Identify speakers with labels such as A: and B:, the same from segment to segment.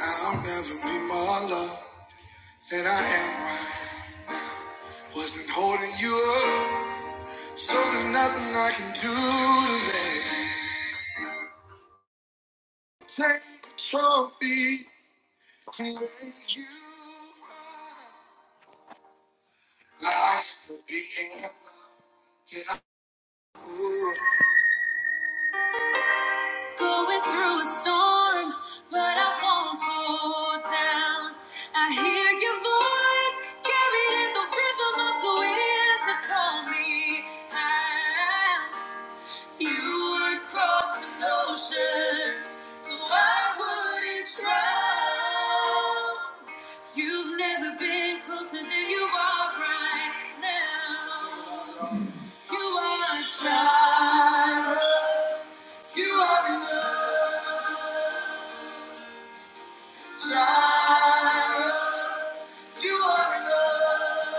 A: I'll never be more loved than I am right. Wasn't holding you up, so there's nothing I can do to let you take the trophy to make you proud. Life will be in love. Can I-
B: Going through a storm, but I won't go down. I hear your voice carried in the rhythm of the wind to call me out. You would cross an ocean, so I wouldn't drown. You've never been closer than you are right now. You are God. You are enough. you are enough.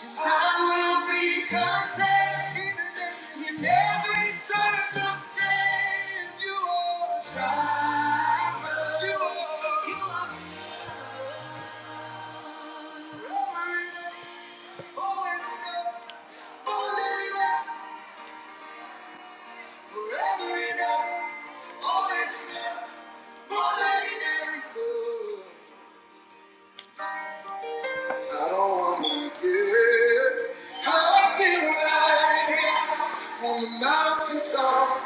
B: I will be content even in this- in every circumstance. You are Jireh. You are- you are forever enough, always enough, always enough, forever enough, always enough, more than enough. I don't wanna forget how I feel right here on the mountain top.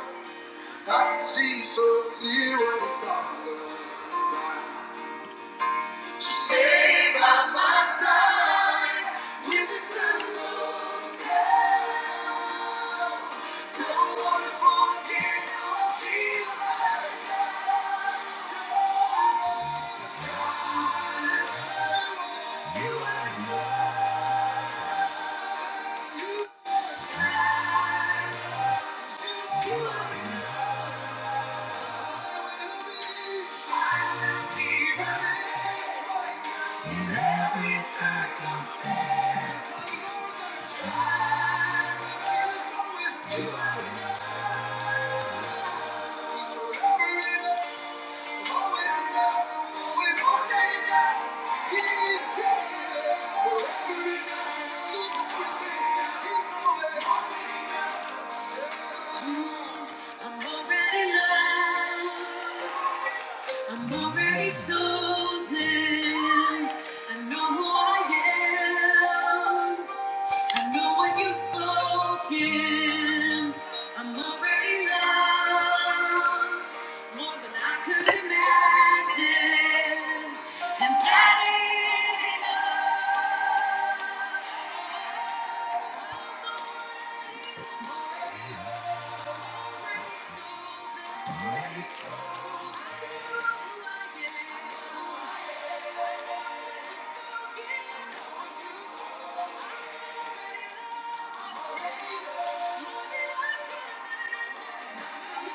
B: I can see so clear when it's all done. So stay by my side when the sun goes down. Don't wanna forget how I feel right now. So, so, you are my Every circumstance, it's always you. He's forever enough, always enough, always more than enough. He is forever enough. He's everything. He's always enough. I'm already loved. I'm already chosen. I know who I am. I know what you've spoken. I'm already loved more than I could imagine, and that is enough. Already chosen chosen who I am. Already loved more than I could imagine. Thank you.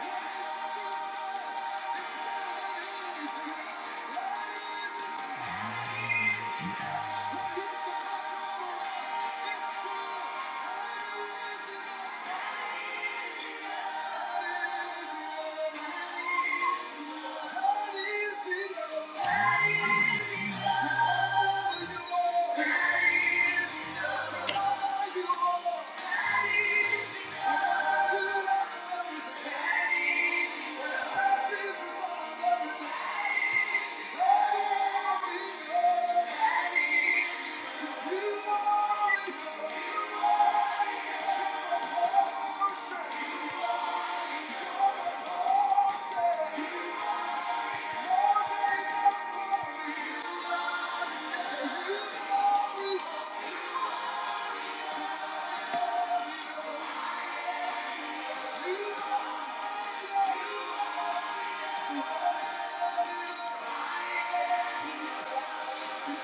B: Thank you. are Thank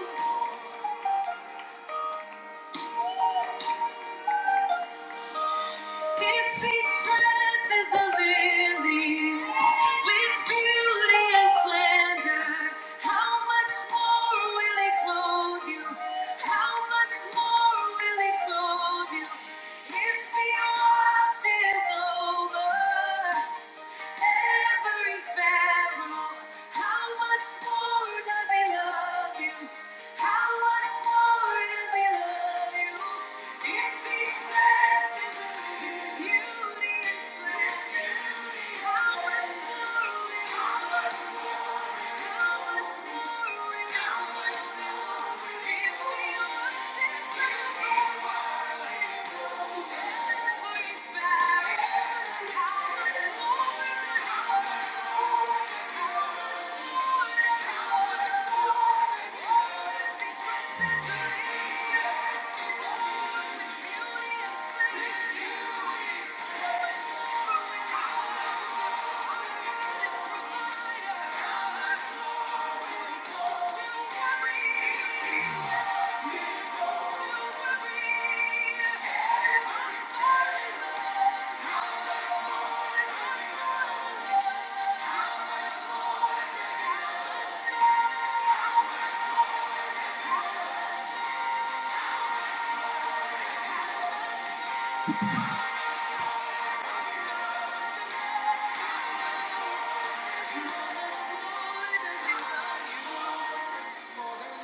B: you. It's speechless as the lilies, with beauty and splendor. How much more will He clothe you? How much more will He clothe you? If He watches over every sparrow. How much more does he love you? How much more does he love you? If he dresses in beauty and splendor, how much more? How much more? More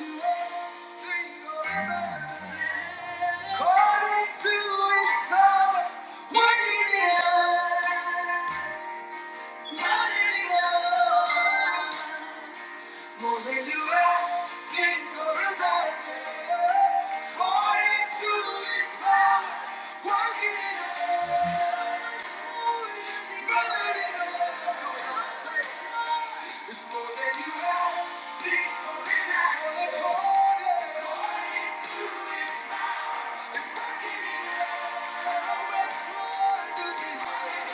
B: than you ever think or imagine. According to his power, working in us, not in us. More than you ask, think, or imagine. According to his power, working in us, not in us. Go ahead, say it. It's more than you ask, it's more than you order. It's working in us. How much more do you need?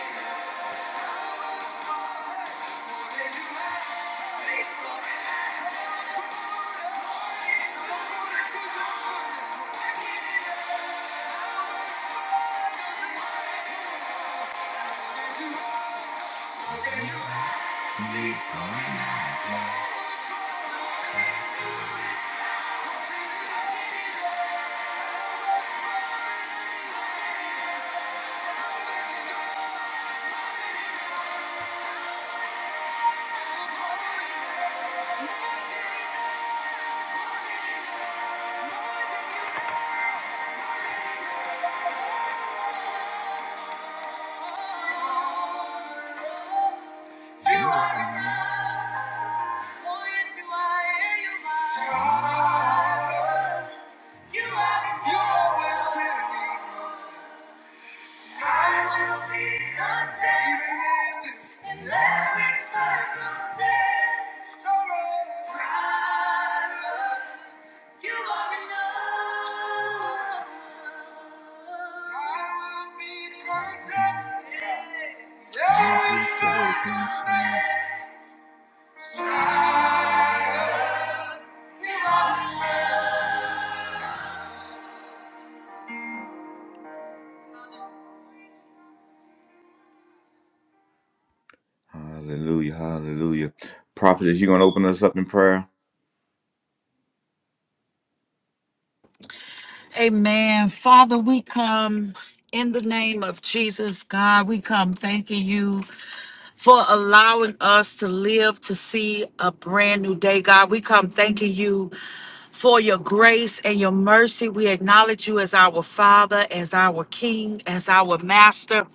B: Nice. You are enough. Oh, yes, you are. You are. You are. You are you I will be content. in Yes. Every circumstance. You are enough. Hallelujah. Hallelujah. Prophetess, you going to open us up in prayer?
A: Amen. Father, we come in the name of Jesus, God. We come thanking you. for allowing us to live to see a brand new day, God. We come thanking you for your grace and your mercy. We acknowledge you as our Father, as our King, as our Master.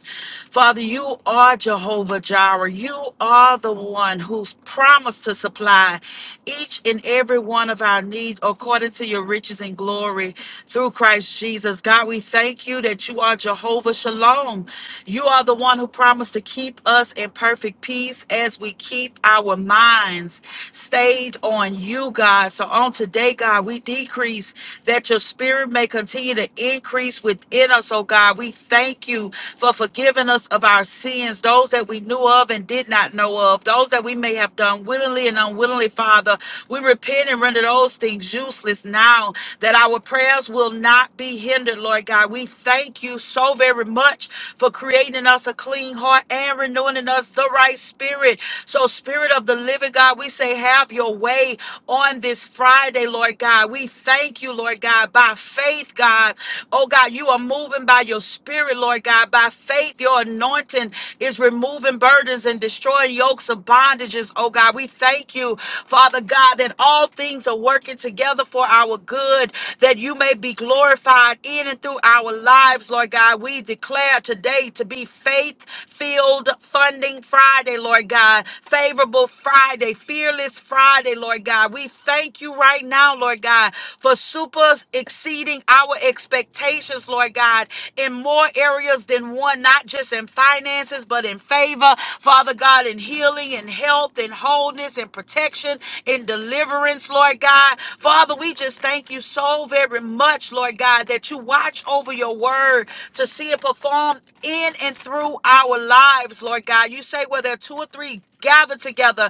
A: Father, you are Jehovah Jireh. You are the one who's promised to supply each and every one of our needs according to your riches and glory through Christ Jesus. God, we thank you that you are Jehovah Shalom. You are the one who promised to keep us in perfect peace as we keep our minds stayed on you, God. So on today, God, we decrease that your spirit may continue to increase within us, oh God. We thank you for forgiving us of our sins, those that we knew of and did not know of, those that we may have done willingly and unwillingly, Father. We repent and render those things useless now that our prayers will not be hindered, Lord God. We thank you so very much for creating us us a clean heart and renewing in us the right spirit. So, Spirit of the living God, we say, have your way on this Friday, Lord God. We thank you, Lord God, by faith, God. Oh, God, you are moving by your spirit, Lord God. By faith, your anointing is removing burdens and destroying yokes of bondages, oh, God. We thank you, Father God, that all things are working together for our good, that you may be glorified in and through our lives, Lord God. We declare today today to be faith filled funding Friday, Lord God. Favorable Friday, fearless Friday, Lord God. We thank you right now, Lord God, for super exceeding our expectations, Lord God, in more areas than one, not just in finances, but in favor, Father God, in healing and health and wholeness and protection and deliverance, Lord God. Father, we just thank you so very much, Lord God, that you watch over your word to see it performed in and through our lives, Lord God. You say where there are two or three gathered together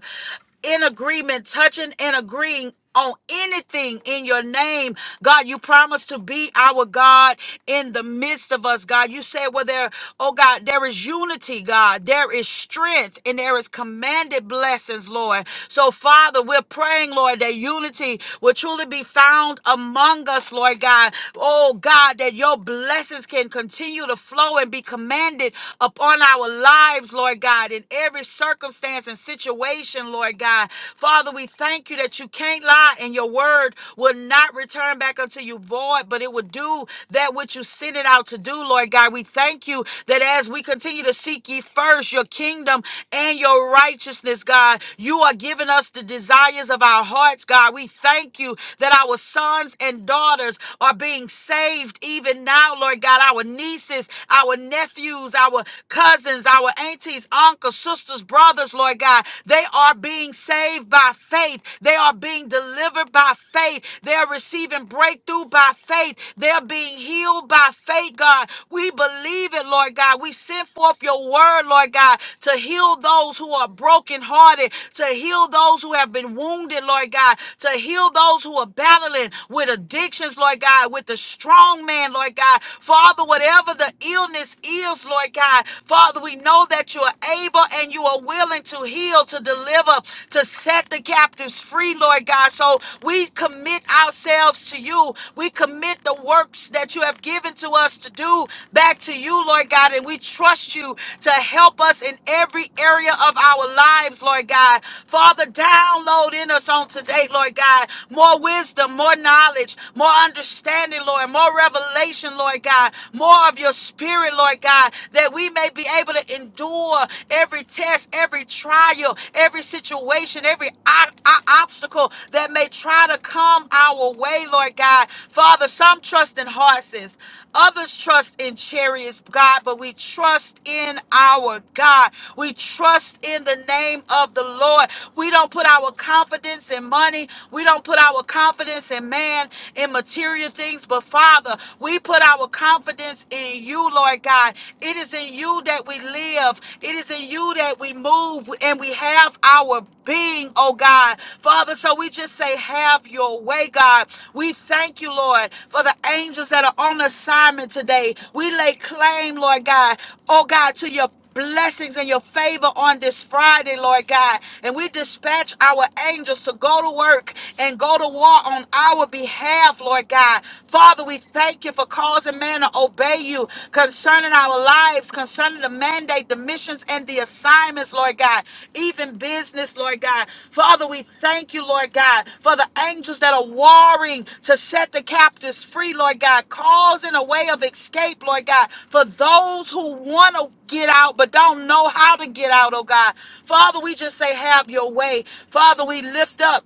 A: in agreement, touching and agreeing. On anything in your name, God, you promise to be our God in the midst of us, God. You say, Well, there, oh God, there is unity, God, there is strength, and there is commanded blessings, Lord. So, Father, we're praying, Lord, that unity will truly be found among us, Lord God. Oh God, that your blessings blessings can continue to flow and be commanded upon our lives, Lord God, in every circumstance and situation, Lord God. Father, we thank you that you can't lie and your word will not return back unto you void, but it will do that which you sent it out to do, Lord God. We thank you that as we continue to seek ye first your kingdom and your righteousness, God, you are giving us the desires of our hearts, God. We thank you that our sons and daughters are being saved saved even now, Lord God, our nieces, our nephews, our cousins, our aunties, uncles, sisters, brothers, Lord God. They are being saved by faith. They are being delivered by faith. They are receiving breakthrough by faith. They are being healed by faith, God. We believe it, Lord God. We send forth your word, Lord God, to heal those who are brokenhearted, to heal those who have been wounded, Lord God, to heal those who are battling with addictions, Lord God. God, with the strong man, Lord God. Father, whatever the illness is, Lord God, Father, we know that you are able and you are willing to heal, to deliver, to set the captives free, Lord God. So we commit ourselves to you. We commit the works that you have given to us to do back to you, Lord God. And we trust you to help us in every area of our lives, Lord God. Father, download in us on today, Lord God, more wisdom, more knowledge, more understanding, Lord, more revelation, Lord God, more of your spirit, Lord God, that we may be able to endure every test, every trial, every situation, every o- o- obstacle that may try to come our way, Lord God. Father, some trust in horses, Others trust in chariots, God, but we trust in our God. We trust in the name of the Lord. We don't put our confidence in money. We don't put our confidence in man, in material things. But Father, we put our confidence in you, Lord God. It is in you that we live. It is in you that we move and we have our being name, oh God. Father, so we just say, have your way, God. We thank you, Lord, for the angels that are on assignment today. We lay claim, Lord God, oh God, to your blessings and your favor on this Friday, Lord God. And we dispatch our angels to go to work and go to war on our behalf, Lord God. Father, we thank you for causing man to obey you concerning our lives, concerning the mandate, the missions, and the assignments, Lord God, even business, Lord God. Father, we thank you, Lord God, for the angels that are warring to set the captives free, Lord God, causing a way of escape, Lord God, for those who want to get out but don't know how to get out, oh God. Father, we just say, have your way. Father, we lift up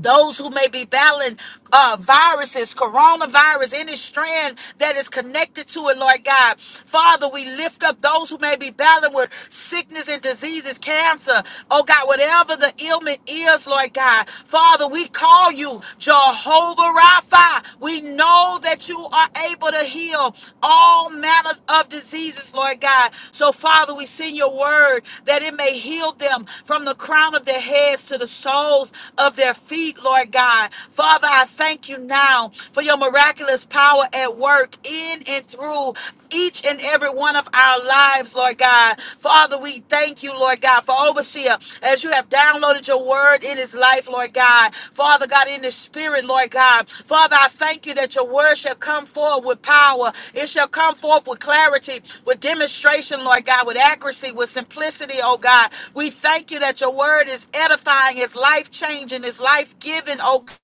A: those who may be battling uh, viruses, coronavirus, any strand that is connected to it, Lord God. Father, we lift up those who may be battling with sickness and diseases, cancer, oh God, whatever the ailment is, Lord God. Father, we call you Jehovah Rapha. We know that you are able to heal heal all manners of diseases, Lord God. So, Father, we send your word that it may heal them from the crown of their heads to the soles of their feet, Lord God. Father, I thank you now for your miraculous power at work in and through each and every one of our lives, Lord God. Father, we thank you, Lord God, for overseer, as you have downloaded your word in his life, Lord God. Father God, in his spirit, Lord God. Father, I thank you that your word shall come forth with power. It shall come forth with clarity, with demonstration, Lord God, with accuracy, with simplicity, oh God. We thank you that your word is edifying, is life changing, is life giving, oh God.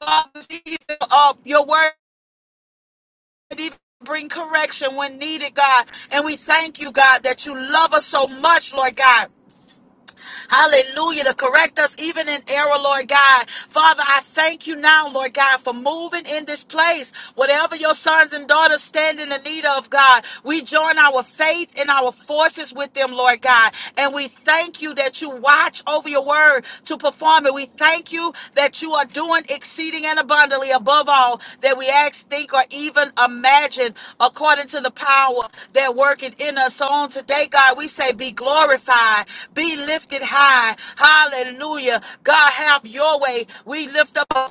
A: Father, Even, uh, your word even bring correction when needed, God. And we thank you, God, that you love us so much, Lord God Hallelujah. To correct us even in error, Lord God. Father, I thank you now, Lord God, for moving in this place. Whatever your sons and daughters stand in the need of, God, we join our faith and our forces with them, Lord God. And we thank you that you watch over your word to perform it. We we thank you that you are doing exceeding and abundantly above all that we ask, think, or even imagine according to the power that working in us. So on today, God, we say be glorified, be lifted high. Hallelujah. God, have your way. We lift up a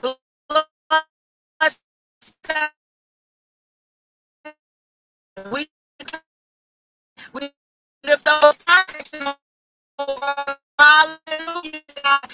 A: blessed- we, we lift up a fire. Hallelujah. God.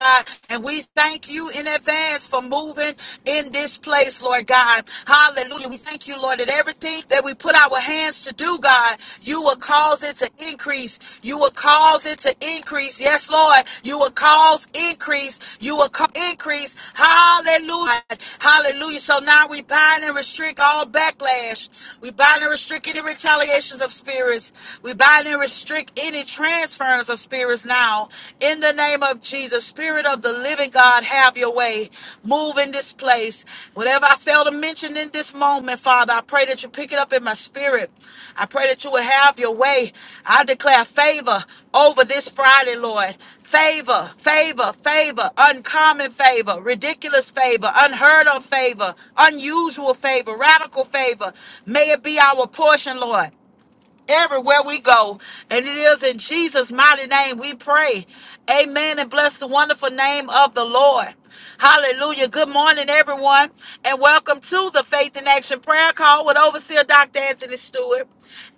A: God. And we thank you in advance for moving in this place, Lord God. Hallelujah. We thank you, Lord, that everything that we put our hands to do, God, you will cause it to increase. You will cause it to increase. Yes, Lord. You will cause increase. You will co- increase. Hallelujah. Hallelujah. So now we bind and restrict all backlash. We bind and restrict any retaliations of spirits. We bind and restrict any transference of spirits now. In the name of Jesus, Spirit of the living God, have your way. Move in this place. Whatever I fail to mention in this moment, Father, I pray that you pick it up in my spirit. I pray that you would have your way. I declare favor over this Friday, Lord. Favor, favor, favor, uncommon favor, ridiculous favor, unheard of favor, unusual favor, radical favor. May it be our portion, Lord everywhere we go. And it is in Jesus' mighty name we pray. Amen. And bless the wonderful name of the Lord. Hallelujah. Good morning, everyone. And welcome to the Faith in Action Prayer Call with Overseer Dr. Anthony Stewart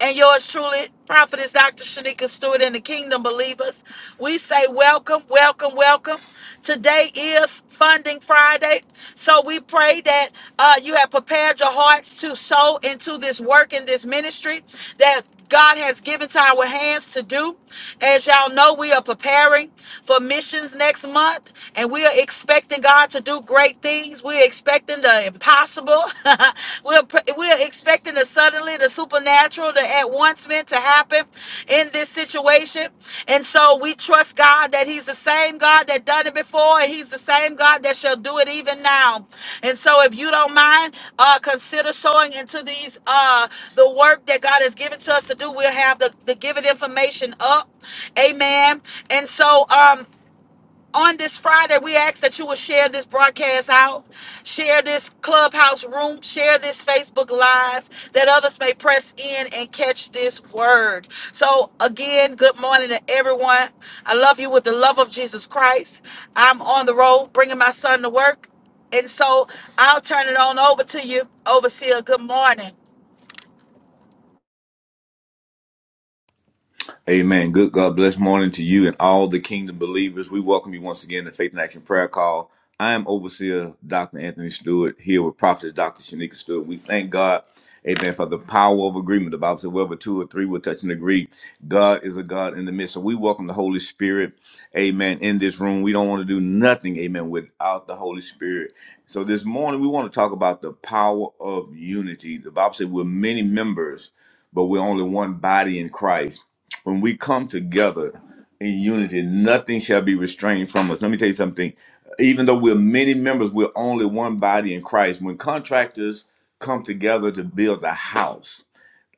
A: and yours truly, Prophetess Dr. Shanika Stewart and the Kingdom Believers. We say welcome, welcome, welcome. Today, Friday is Funding Friday. So we pray that uh, you have prepared your hearts to sow into this work in this ministry that God has given to our hands to do. As y'all know, we are preparing for missions next month and we are expecting God to do great things. We're expecting the impossible. we're, we're expecting the sudden suddenly, the supernatural, the at once meant to happen in this situation. And so we trust God that He's the same God that done it before, and He's the same God that shall do it even now. And so if you don't mind, uh, consider sowing into these uh the work that God has given to us to do. We'll have the, the given information up. Amen. And so um on this Friday, we ask that you will share this broadcast out, share this clubhouse room, share this Facebook Live, that others may press in and catch this word. So, again, good morning to everyone. I love you with the love of Jesus Christ. I'm on the road bringing my son to work. And so I'll turn it on over to you, Overseer. Good morning.
B: Amen. Good God bless morning to you and all the kingdom believers. We welcome you once again to Faith in Action Prayer Call. I am Overseer Dr. Anthony Stewart here with Prophet Dr. Shanika Stewart. We thank God, amen, for the power of agreement. The Bible said, wherever two or three will touch and agree, God is a God in the midst. So we welcome the Holy Spirit, amen, in this room. We don't want to do nothing, amen, without the Holy Spirit. So this morning we want to talk about the power of unity. The Bible said, we're many members, but we're only one body in Christ when we come together in unity, nothing shall be restrained from us. Let me tell you something. Even though we're many members, we're only one body in Christ. When contractors come together to build a house,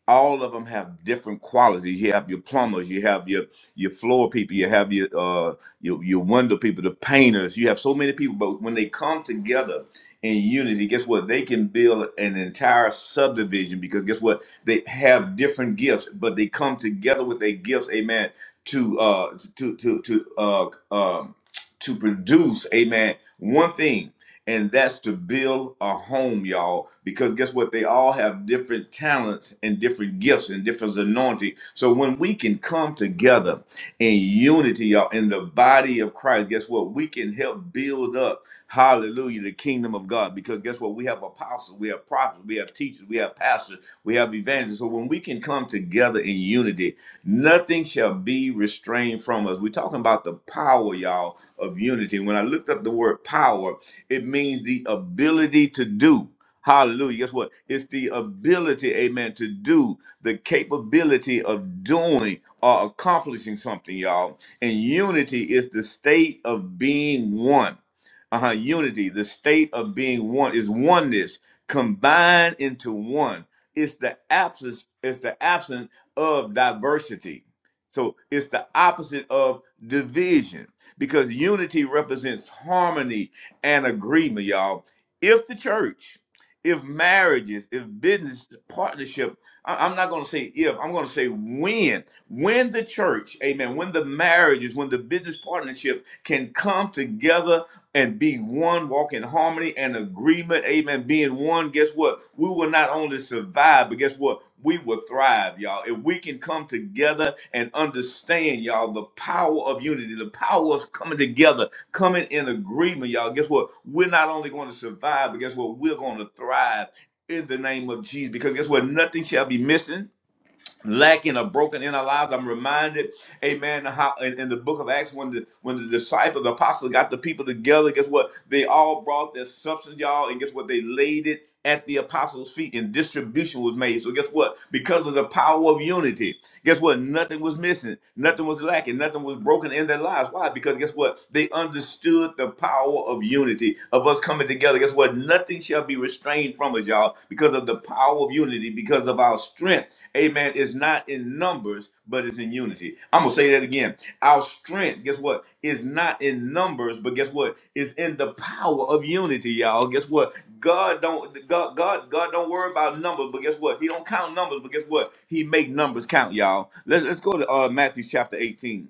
B: all of them have different qualities. You have your plumbers, you have your your floor people, you have your uh your your window people, the painters. You have so many people, but when they come together in unity, guess what? They can build an entire subdivision because guess what? They have different gifts, but they come together with their gifts, amen, to uh to to to uh um to produce, amen, one thing and that's to build a home, y'all. Because guess what? They all have different talents and different gifts and different anointing. So when we can come together in unity, y'all, in the body of Christ, guess what? We can help build up, hallelujah, the kingdom of God. Because guess what? We have apostles, we have prophets, we have teachers, we have pastors, we have evangelists. So when we can come together in unity, Nothing shall be restrained from us. We're talking about the power, y'all, of unity. When I looked up the word power, it means the ability to do. Hallelujah. Guess what? It's the ability, amen, to do, the capability of doing or accomplishing something, y'all. And unity is the state of being one. Uh-huh. Unity, the state of being one is oneness combined into one. It's the absence, it's the absence of diversity. So it's the opposite of division because unity represents harmony and agreement, y'all. If the church, if marriages, if business partnership, I- I'm not going to say if, I'm going to say when, when the church, amen, when the marriages, when the business partnership can come together and be one, walk in harmony and agreement. Amen. Being one, guess what? We will not only survive, but guess what? We will thrive, y'all. If we can come together and understand, y'all, the power of unity, the power of coming together, coming in agreement, y'all. Guess what? We're not only going to survive, but guess what? We're going to thrive in the name of Jesus. Because guess what? Nothing shall be missing lacking or broken in our lives. I'm reminded, amen, how in, in the book of Acts, when the when the disciples, the apostles got the people together, guess what? They all brought their substance, y'all, and guess what? They laid it at the apostles' feet and distribution was made. So guess what? Because of the power of unity, guess what? Nothing was missing, nothing was lacking, nothing was broken in their lives. Why? Because guess what? They understood the power of unity, of us coming together. Guess what? Nothing shall be restrained from us, y'all, because of the power of unity, because of our strength. Amen. Is not in numbers, but it's in unity. I'm gonna say that again. Our strength, guess what, is not in numbers, but guess what, is in the power of unity, y'all. Guess what? God don't God God God don't worry about numbers, but guess what? He don't count numbers, but guess what? He make numbers count, y'all. Let's let's go to uh, Matthew chapter 18.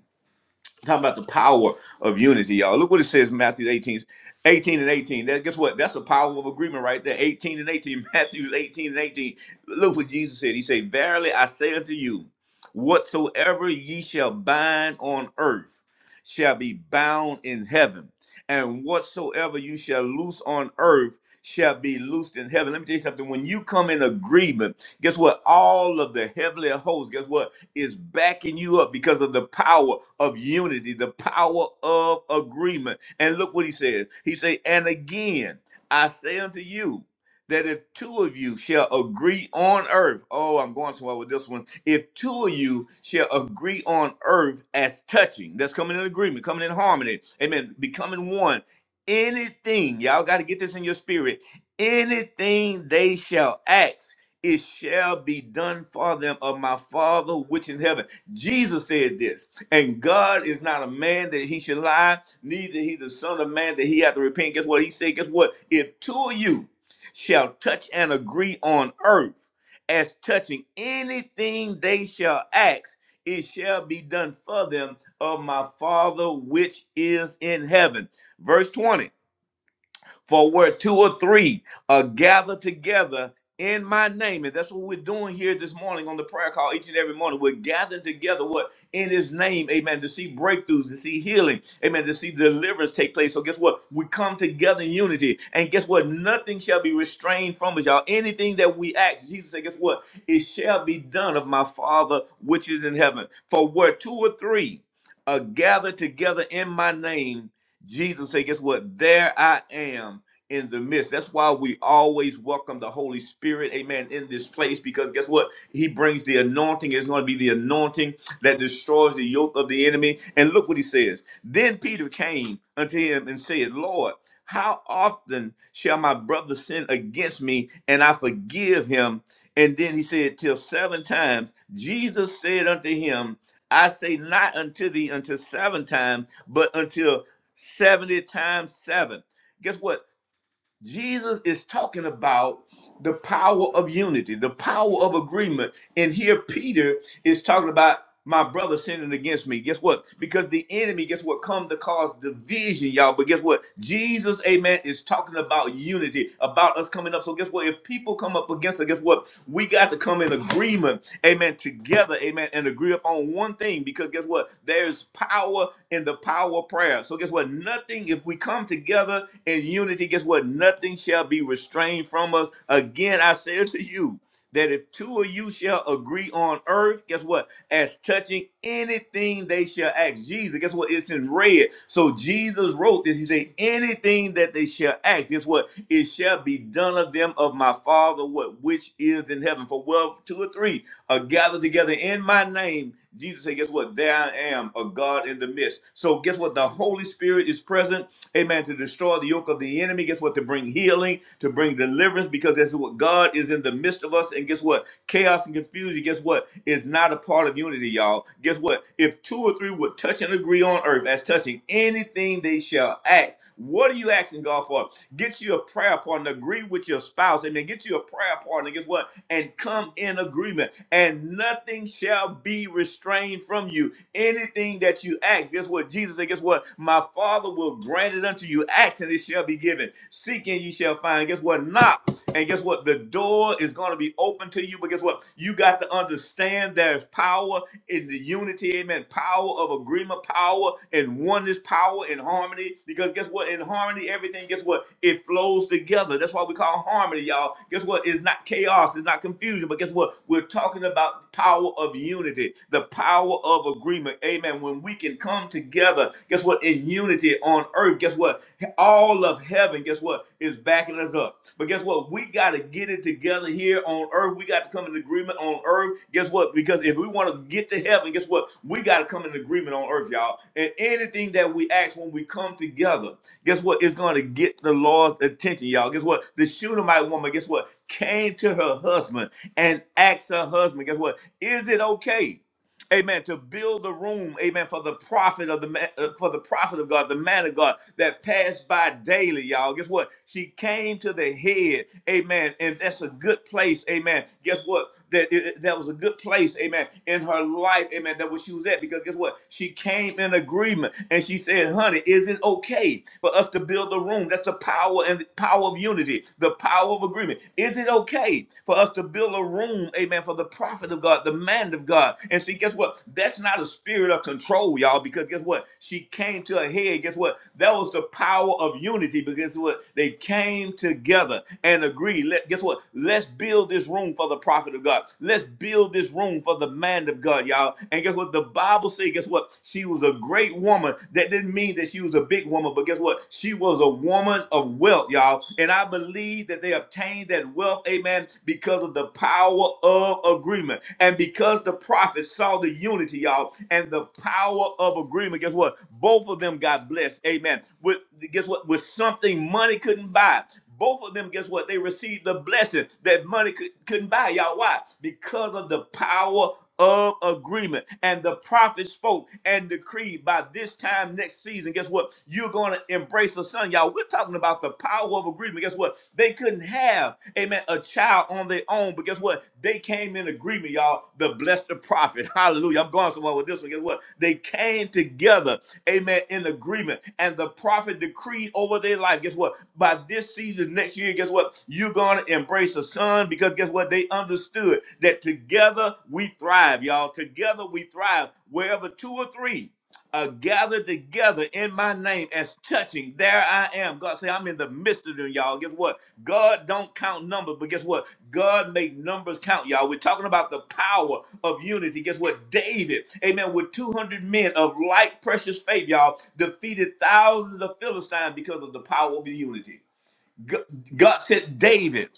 B: Talking about the power of unity, y'all. Look what it says, Matthew 18, 18 and 18. That, guess what? That's a power of agreement right there. 18 and 18, Matthew 18 and 18. Look what Jesus said. He said, Verily I say unto you, whatsoever ye shall bind on earth shall be bound in heaven, and whatsoever you shall loose on earth shall be loosed in heaven. Let me tell you something. When you come in agreement, guess what? All of the heavenly hosts, guess what? is backing you up because of the power of unity, the power of agreement. And look what he says. He said, And again, I say unto you, that if two of you shall agree on earth, oh, I'm going somewhere with this one. If two of you shall agree on earth as touching, that's coming in agreement, coming in harmony, amen, becoming one. Anything, y'all got to get this in your spirit. Anything they shall ask it shall be done for them of my Father which in heaven. Jesus said this, and God is not a man that he should lie, neither he the son of man that he hath to repent. Guess what he said? Guess what? If two of you shall touch and agree on earth as touching anything they shall ask, it shall be done for them of my Father which is in heaven. Verse 20. For where two or three are gathered together in my name, and that's what we're doing here this morning on the prayer call each and every morning. We're gathering together what in his name, amen, to see breakthroughs, to see healing, amen, to see deliverance take place. So guess what? We come together in unity. And guess what? Nothing shall be restrained from us, y'all. Anything that we ask, Jesus said, guess what? It shall be done of my Father which is in heaven. For where two or three are gathered together in my name, Jesus said, guess what? There I am in the midst. That's why we always welcome the Holy Spirit, amen, in this place because guess what? He brings the anointing. It's going to be the anointing that destroys the yoke of the enemy. And look what he says. Then Peter came unto him and said, Lord, how often shall my brother sin against me and I forgive him? And then he said, Till seven times. Jesus said unto him, I say not unto thee until seven times, but until 70 times 7. Guess what? Jesus is talking about the power of unity, the power of agreement. And here Peter is talking about my brother sinning against me. Guess what? Because the enemy, guess what, come to cause division, y'all. But guess what? Jesus, amen, is talking about unity, about us coming up. So guess what? If people come up against us, guess what? We got to come in agreement, amen, together, amen, and agree upon one thing. Because guess what? There's power in the power of prayer. So guess what? Nothing, if we come together in unity, guess what? nothing shall be restrained from us. Again, I say to you that if two of you shall agree on earth, guess what? As touching anything they shall ask Jesus, guess what? It's in red. So Jesus wrote this. He said, anything that they shall ask, guess what? It shall be done of them of my Father, what which is in heaven. For well, two or three are gathered together in my name. Jesus said, guess what? There I am, a God in the midst. So guess what? The Holy Spirit is present. Amen to destroy the yoke of the enemy. Guess what? To bring healing, to bring deliverance, because that's what God is in the midst of us. And guess what? Chaos and confusion, guess what? Is not a part of unity, y'all. Guess what? If two or three would touch and agree on earth as touching anything they shall act, what are you asking God for? Get you a prayer partner, agree with your spouse, and then get you a prayer partner, guess what? And come in agreement, and nothing shall be restrained from you. Anything that you ask, guess what? Jesus said, guess what? My Father will grant it unto you. Act and it shall be given. Seek and ye shall find. Guess what? Knock. And guess what? The door is going to be open to you. But guess what? You got to understand there's power in the unity, amen. Power of agreement, power and oneness, power in harmony. Because guess what? In harmony, everything, guess what? It flows together. That's why we call harmony, y'all. Guess what? It's not chaos, it's not confusion. But guess what? We're talking about power of unity, the power of agreement. Amen and when we can come together, guess what? In unity on earth, guess what? All of heaven, guess what? Is backing us up. But guess what? We got to get it together here on earth. We got to come in agreement on earth. Guess what? Because if we want to get to heaven, guess what? We got to come in agreement on earth, y'all. And anything that we ask when we come together, guess what? It's going to get the Lord's attention, y'all. Guess what? The Shunammite woman, guess what? Came to her husband and asked her husband, guess what? Is it okay? amen to build a room amen for the prophet of the man, uh, for the prophet of god the man of god that passed by daily y'all guess what she came to the head amen and that's a good place amen guess what that it- it- that was a good place amen in her life amen that where she was at because guess what she came in agreement and she said honey is it okay for us to build a room that's the power and power of unity the power of agreement is it okay for us to build a room room, amen, for the prophet of God, the man of God. And see, guess what? That's not a spirit of control, y'all, because guess what? She came to a head. Guess what? That was the power of unity, because what? They came together and agreed. Let, guess what? Let's build this room for the prophet of God. Let's build this room for the man of God, y'all. And guess what? The Bible says, guess what? She was a great woman. That didn't mean that she was a big woman, but guess what? She was a woman of wealth, y'all. And I believe believe that they obtained that wealth, amen, because of the power of agreement. And because the prophets saw the unity, y'all, and the power of agreement, guess what? Both of them got blessed, amen. With guess what? With something money couldn't buy. Both of them, guess what? They received the blessing that money could, couldn't buy. Y'all, why? Because of the power of agreement. And the prophet spoke and decreed by this time next season, guess what? You're going to embrace a son. Y'all, we're talking about the power of agreement. Guess what? They couldn't have, amen, a child on their own, but guess what? They came in agreement, y'all, to bless the prophet. Hallelujah. I'm going somewhere one with this one. Guess what? They came together, amen, in agreement. And the prophet decreed over their life. Guess what? By this season next year, guess what? You're going to embrace a son because guess what? They understood that together we thrive, y'all. Together we thrive wherever two or three. Are gathered together in my name as touching. There I am. God say, I'm in the midst of them, y'all. Guess what? God don't count numbers, but guess what? God make numbers count, y'all. We're talking about the power of unity. Guess what? David, amen, with 200 men of like precious faith, y'all, defeated thousands of Philistines because of the power of unity. G- God said, David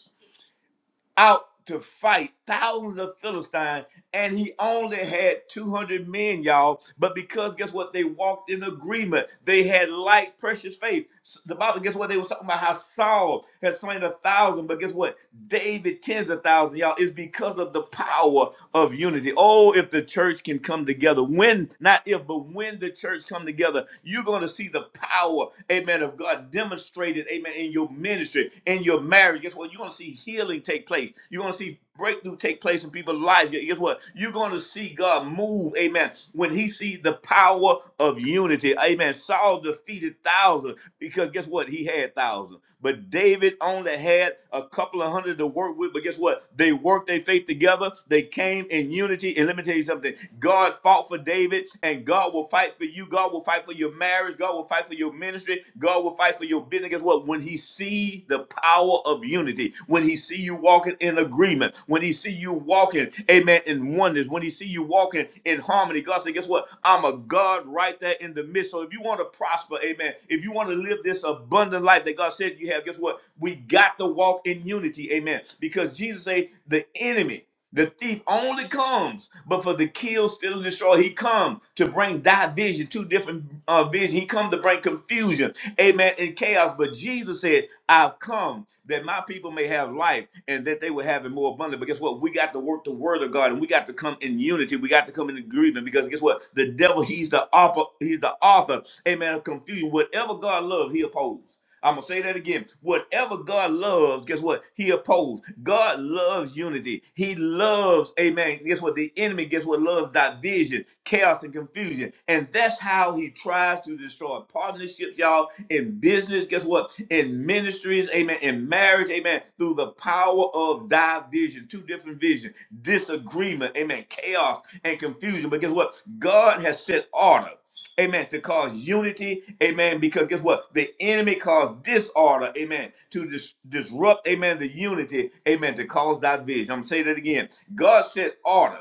B: out to fight thousands of Philistines, and he only had 200 men, y'all. But because guess what? They walked in agreement. They had light, precious faith. S- The Bible, guess what? They were talking about how Saul had slain a thousand, but guess what? David tens of thousands, y'all. It's because of the power of unity. Oh, if the church can come together, when, not if, but when the church come together, you're going to see the power, amen, of God demonstrated, amen, in your ministry, in your marriage. Guess what? You're going to see healing take place. You're going to see breakthrough take place in people's lives. Guess what? You're going to see God move, amen, when he sees the power of unity. Amen. Saul defeated thousands because guess what? He had thousands. But David only had a couple of hundred to work with. But guess what? They worked their faith together. They came in unity. And let me tell you something God fought for David, and God will fight for you. God will fight for your marriage. God will fight for your ministry. God will fight for your business. Guess what? When He see the power of unity, when He see you walking in agreement, when He see you walking, amen, in oneness, when He see you walking in harmony, God said, guess what? I'm a God right there in the midst. So if you want to prosper, amen, If you want to live this abundant life that God said you have, guess what? We got to walk in unity. Amen. Because Jesus said the enemy, the thief only comes, but for the kill, steal, and destroy. He come to bring division, two different uh, vision. He come to bring confusion, amen, and chaos. But Jesus said, I've come that my people may have life and that they will have it more abundant. But guess what? We got to work the word of God and we got to come in unity. We got to come in agreement because guess what? The devil, he's the operator. He's the author, amen, of confusion. Whatever God loves, he opposes. I'm gonna say that again. Whatever God loves, guess what? He opposed. God loves unity. He loves, amen. Guess what? The enemy, guess what? Loves division, chaos, and confusion. And that's how he tries to destroy partnerships, y'all, in business, guess what? In ministries, amen, in marriage, amen, through the power of division, two different visions, disagreement, amen, chaos and confusion. But guess what? God has set order amen, to cause unity, amen, because guess what? The enemy caused disorder, amen, to dis- disrupt, amen, the unity, amen, to cause division. I'm going to say that again. God said order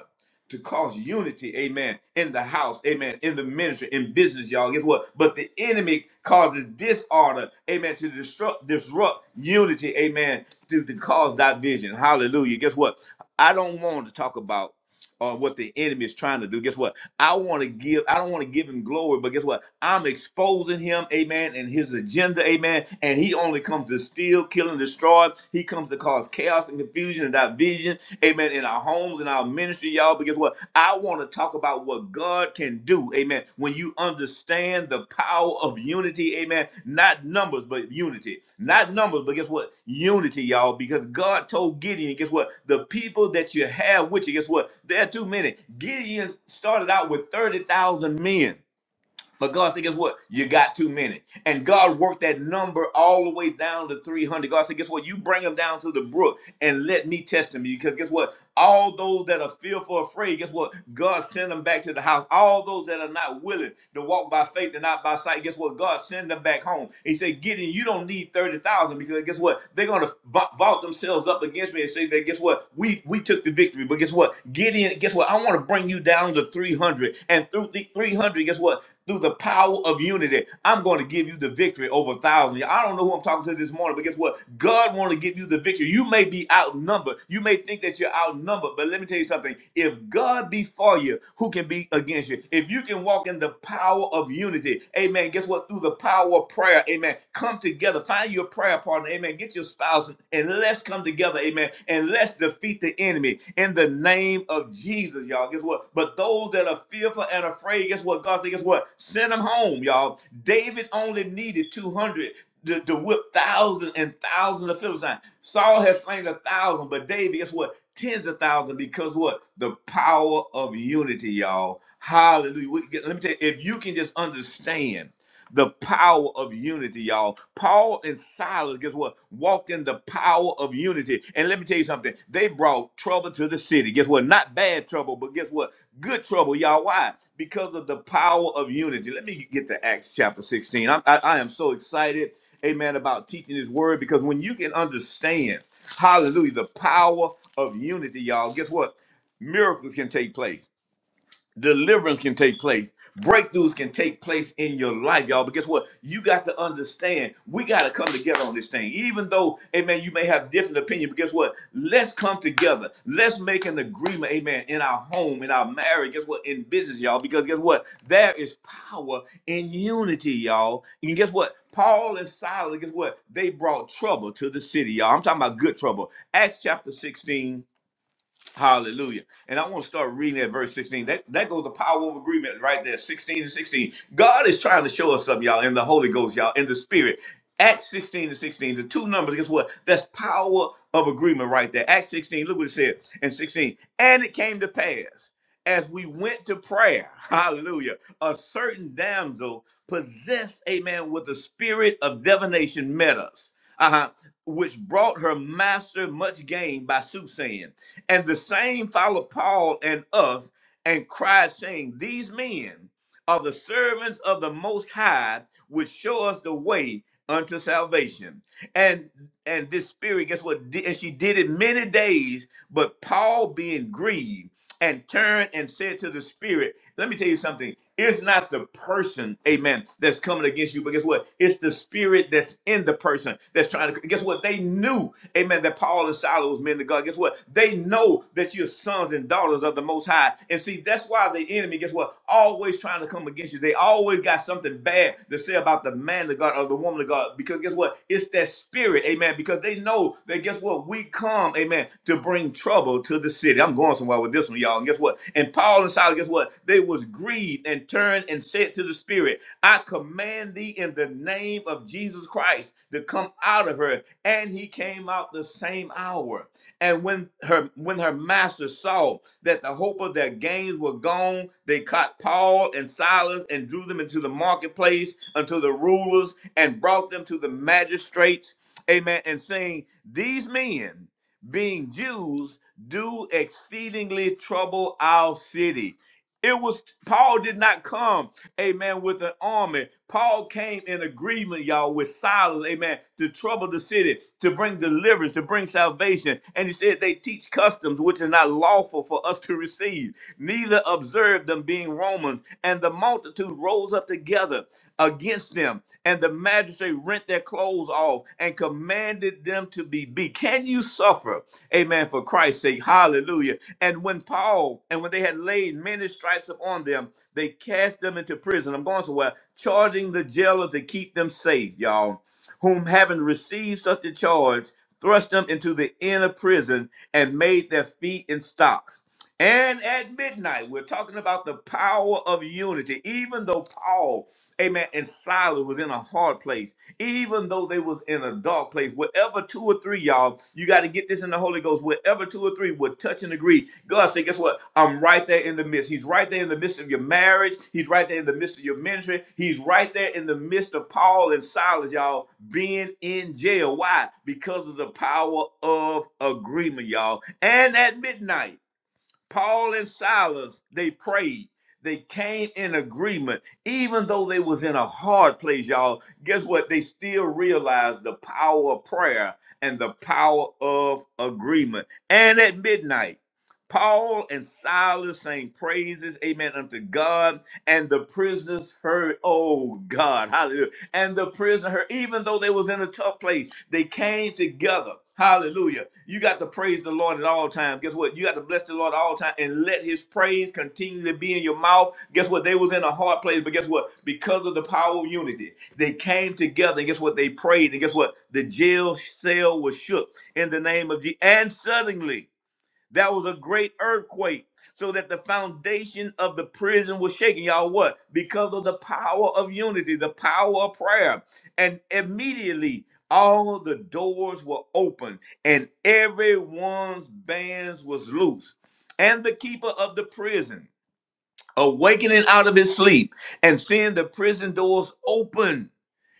B: to cause unity, amen, in the house, amen, in the ministry, in business, y'all. Guess what? But the enemy causes disorder, amen, to disrupt, disrupt unity, amen, to, to cause division. Hallelujah. Guess what? I don't want to talk about or what the enemy is trying to do. Guess what? I want to give, I don't want to give him glory, but guess what? I'm exposing him, amen, and his agenda, amen. And he only comes to steal, kill, and destroy. He comes to cause chaos and confusion and division, amen, in our homes, in our ministry, y'all. But guess what? I want to talk about what about what God can do. Amen. When you understand the power of unity, amen. Not numbers, but unity. Not numbers, but guess what? Unity, y'all. Because God told Gideon, guess what? The people that you have with you, guess what? There are too many. Gideon started out with 30,000 men. But God said, guess what? You got too many. And God worked that number all the way down to 300. God said, guess what? You bring them down to the brook and let me test them. Because guess what? All those that are fearful, afraid, guess what? God sent them back to the house. All those that are not willing to walk by faith and not by sight, guess what? God sent them back home. He said, Gideon, you don't need 30,000 because guess what? They're going to vault themselves up against me and say that, guess what? We, we took the victory. But guess what? Gideon, guess what? I want to bring you down to 300. And through the 300, guess what? through the power of unity. I'm going to give you the victory over thousands. I don't know who I'm talking to this morning, but guess what? God wants to give you the victory. You may be outnumbered. You may think that you're outnumbered, but let me tell you something. If God be for you, who can be against you? If you can walk in the power of unity, amen. Guess what? Through the power of prayer, amen. Come together. Find your prayer partner, amen. Get your spouse and let's come together, amen. And let's defeat the enemy in the name of Jesus, y'all. Guess what? But those that are fearful and afraid, guess what? God said, guess what? Send them home, y'all. David only needed 200 to, to whip thousands and thousands of Philistines. Saul has slain a thousand, but David, guess what? Tens of thousands because what? The power of unity, y'all. Hallelujah. We- Let me tell you, if you can just understand the power of unity, y'all. Paul and Silas, guess what? Walked in the power of unity. And let me tell you something. They brought trouble to the city. Guess what? Not bad trouble, but guess what? Good trouble, y'all. Why? Because of the power of unity. Let me get to Acts chapter 16. I'm- I, I am so excited, amen, about teaching this word because when you can understand, hallelujah, the power of unity, y'all, guess what? Miracles can take place Deliverance can take place. Breakthroughs can take place in your life, y'all. But guess what? You got to understand. We got to come together on this thing. Even though, amen, you may have different opinion, but guess what? Let's come together. Let's make an agreement, amen, in our home, in our marriage. Guess what? In business, y'all. Because guess what? There is power in unity, y'all. And guess what? Paul and Silas, guess what? They brought trouble to the city, y'all. I'm talking about good trouble. Acts chapter 16 Hallelujah. And I want to start reading at verse 16. That, that goes the power of agreement right there, 16 and 16. God is trying to show us something, y'all, in the Holy Ghost, y'all, in the Spirit. Acts 16 and 16, the two numbers, guess what? That's power of agreement right there. Acts 16, look what it said in 16. And it came to pass as we went to prayer, hallelujah, a certain damsel possessed, amen, with the spirit of divination met us, uh-huh, which brought her master much gain by soothsaying. And the same followed Paul and us and cried, saying, These men are the servants of the Most High, which show us the way unto salvation and and this spirit guess what Di- and she did it many days but paul being grieved and turned and said to the spirit let me tell you something it's not the person amen that's coming against you but guess what it's the spirit that's in the person that's trying to guess what they knew amen that paul and silas was men of god guess what they know that you're sons and daughters daughters of the Most High. And see, that's why the enemy, guess what? Always trying to come against you. They always got something bad to say about the man of God or the woman of God. Because guess what? It's that spirit, amen. Because they know that, guess what? We come, amen, to bring trouble to the city. I'm going somewhere with this one, y'all. And guess what? And Paul and Silas, guess what? They was grieved and turned and said to the spirit, I command thee in the name of Jesus Christ to come out of her. And he came out the same hour. And when her when her master saw that the hope of their gains were gone, they caught Paul and Silas and drew them into the marketplace unto the rulers and brought them to the magistrates. Amen. And saying, These men, being Jews, do exceedingly trouble our city it was Paul did not come, amen, with an army. Paul came in agreement, y'all, with Silas, amen, to trouble the city, to bring deliverance, to bring salvation. And he said they teach customs which are not lawful for us to receive, neither observe them being Romans. And the multitude rose up together against them. And the magistrate rent their clothes off and commanded them to be beat. Can you suffer? Amen. For Christ's sake. Hallelujah. And when Paul, and when they had laid many stripes upon them, they cast them into prison. I'm going somewhere, charging the jailer to keep them safe, y'all. Whom having received such a charge, thrust them into the inner prison and made their feet in stocks. And at midnight, we're talking about the power of unity. Even though Paul, amen, and Silas was in a hard place, even though they was in a dark place, wherever two or three, y'all, you got to get this in the Holy Ghost. Wherever two or three would touch and agree, God said, guess what? I'm right there in the midst. He's right there in the midst of your marriage. He's right there in the midst of your ministry. He's right there in the midst of Paul and Silas, y'all, being in jail. Why? Because of the power of agreement, y'all. And at midnight. Paul and Silas, they prayed. They came in agreement, even though they was in a hard place, y'all. Guess what? They still realized the power of prayer and the power of agreement. And at midnight, Paul and Silas sang praises, amen, unto God, and the prisoners heard, oh God, hallelujah and the prisoner, heard. even though they was in a tough place, they came together. Hallelujah. You got to praise the Lord at all times. Guess what? You got to bless the Lord at all times and let his praise continue to be in your mouth. Guess what? They was in a hard place, but guess what? Because of the power of unity, they came together and guess what? They prayed and guess what? The jail cell was shook in the name of Jesus. And suddenly, that was a great earthquake, so that the foundation of the prison was shaken. Y'all, what? Because of the power of unity, the power of prayer. And immediately all the doors were open, and everyone's bands was loose. And the keeper of the prison, awakening out of his sleep and seeing the prison doors open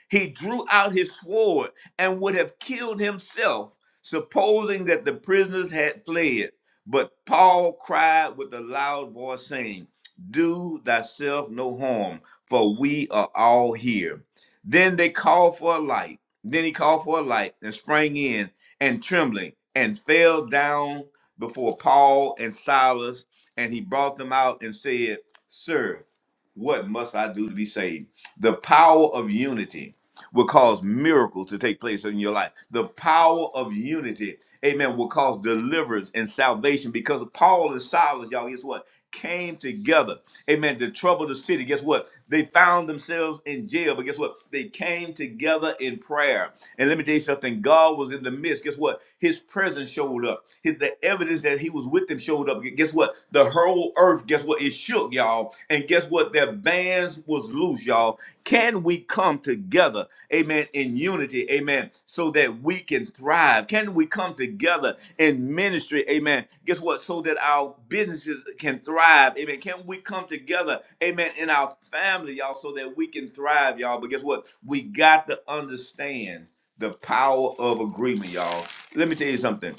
B: he drew out his sword and would have killed himself, supposing that the prisoners had fled. But Paul cried with a loud voice, saying, Do thyself no harm, for we are all here. Then they called for a light. Then he called for a light and sprang in and trembling and fell down before Paul and Silas. And he brought them out and said, Sir, what must I do to be saved? The power of unity will cause miracles to take place in your life. The power of unity, amen, will cause deliverance and salvation because Paul and Silas, y'all, guess what? Came together, amen, to trouble the city. Guess what? They found themselves in jail, but guess what? They came together in prayer. And let me tell you something God was in the midst. Guess what? His presence showed up. His, the evidence that he was with them showed up. Guess what? The the whole earth, guess what? It shook, y'all. And guess what? Their bands was loose, y'all. Can we come together, amen, in unity, amen, so that we can thrive? Can we come together in ministry, amen? Guess what? So that our businesses can thrive, amen. Can we come together, amen, in our family, y'all, so that we can thrive, y'all? But guess what? We got to understand the power of agreement, y'all. Let me tell you something.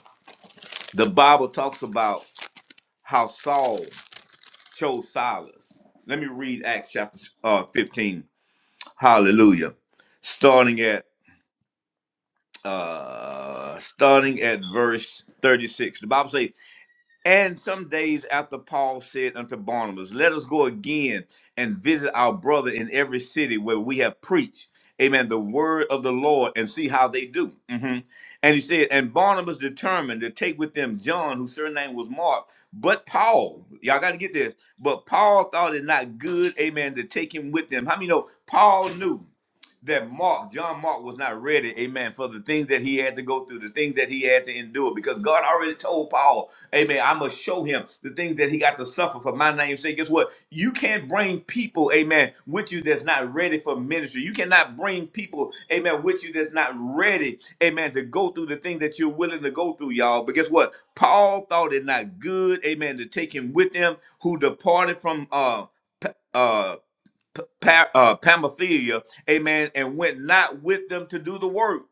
B: The Bible talks about how Saul chose Silas. Let me read Acts chapter uh, 15. Hallelujah. Starting at uh starting at verse 36. The Bible says and some days after Paul said unto Barnabas, Let us go again and visit our brother in every city where we have preached, amen, the word of the Lord and see how they do. Mhm. And he said, And Barnabas determined to take with them John, whose surname was Mark, but Paul, y'all got to get this, but Paul thought it not good, amen, to take him with them. How many know Paul knew that Mark, John Mark, was not ready, amen, for the things that he had to go through, the things that he had to endure, because God already told Paul Amen. I must show him the things that he got to suffer for my name's sake. Guess what? You can't bring people, amen, with you that's not ready for ministry. You cannot bring people, amen, with you that's not ready, amen, to go through the thing that you're willing to go through, y'all. But guess what? Paul thought it not good, amen, to take him with them who departed from uh P- uh Pa- uh, Pamphylia, amen, and went not with them to do the work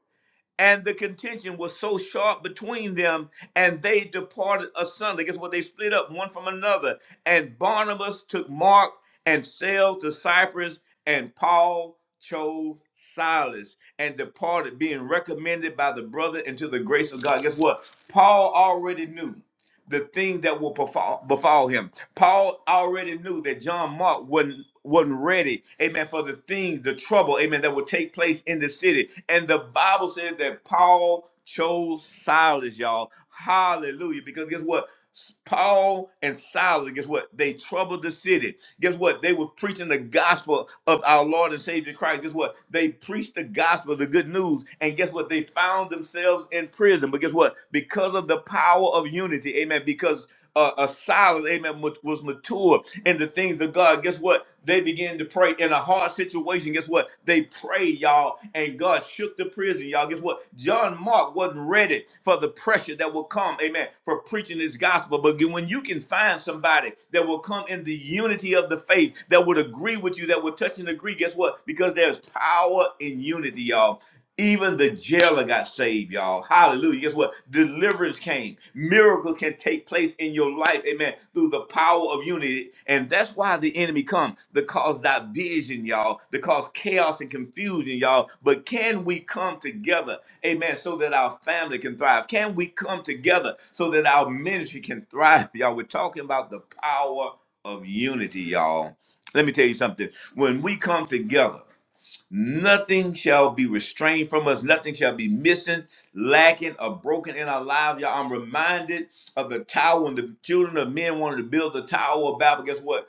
B: and the contention was so sharp between them, and they departed asunder. Guess what? They split up one from another. And Barnabas took Mark and sailed to Cyprus, and Paul chose Silas and departed, being recommended by the brother into the grace of God. Guess what? Paul already knew the things that will befall, befall him. Paul already knew that John Mark wasn't wasn't ready, amen, for the things, the trouble, amen, that would take place in the city. And the Bible says that Paul chose Silas, y'all. Hallelujah. Because guess what? S- Paul and Silas, guess what? They troubled the city. Guess what? They were preaching the gospel of our Lord and Savior Christ. Guess what? They preached the gospel, the good news. And guess what? They found themselves in prison. But guess what? Because of the power of unity, amen. Because uh, a silence, amen, ma- was mature in the things of God. Guess what? They began to pray in a hard situation. Guess what? They prayed, y'all, and God shook the prison, y'all. Guess what? John Mark wasn't ready for the pressure that will come, amen, for preaching this gospel. But when you can find somebody that will come in the unity of the faith, that would agree with you, that would touch and agree, guess what? Because there's power in unity, y'all. Even the jailer got saved, y'all. Hallelujah. Guess what? Deliverance came. Miracles can take place in your life, amen, through the power of unity. And that's why the enemy comes to cause division, y'all, to cause chaos and confusion, y'all. But can we come together, amen, so that our family can thrive? Can we come together so that our ministry can thrive, y'all? We're talking about the power of unity, y'all. Let me tell you something. When we come together, Nothing shall be restrained from us. Nothing shall be missing, lacking, or broken in our lives. Y'all, I'm reminded of the tower when the children of men wanted to build the tower of Babel. Guess what?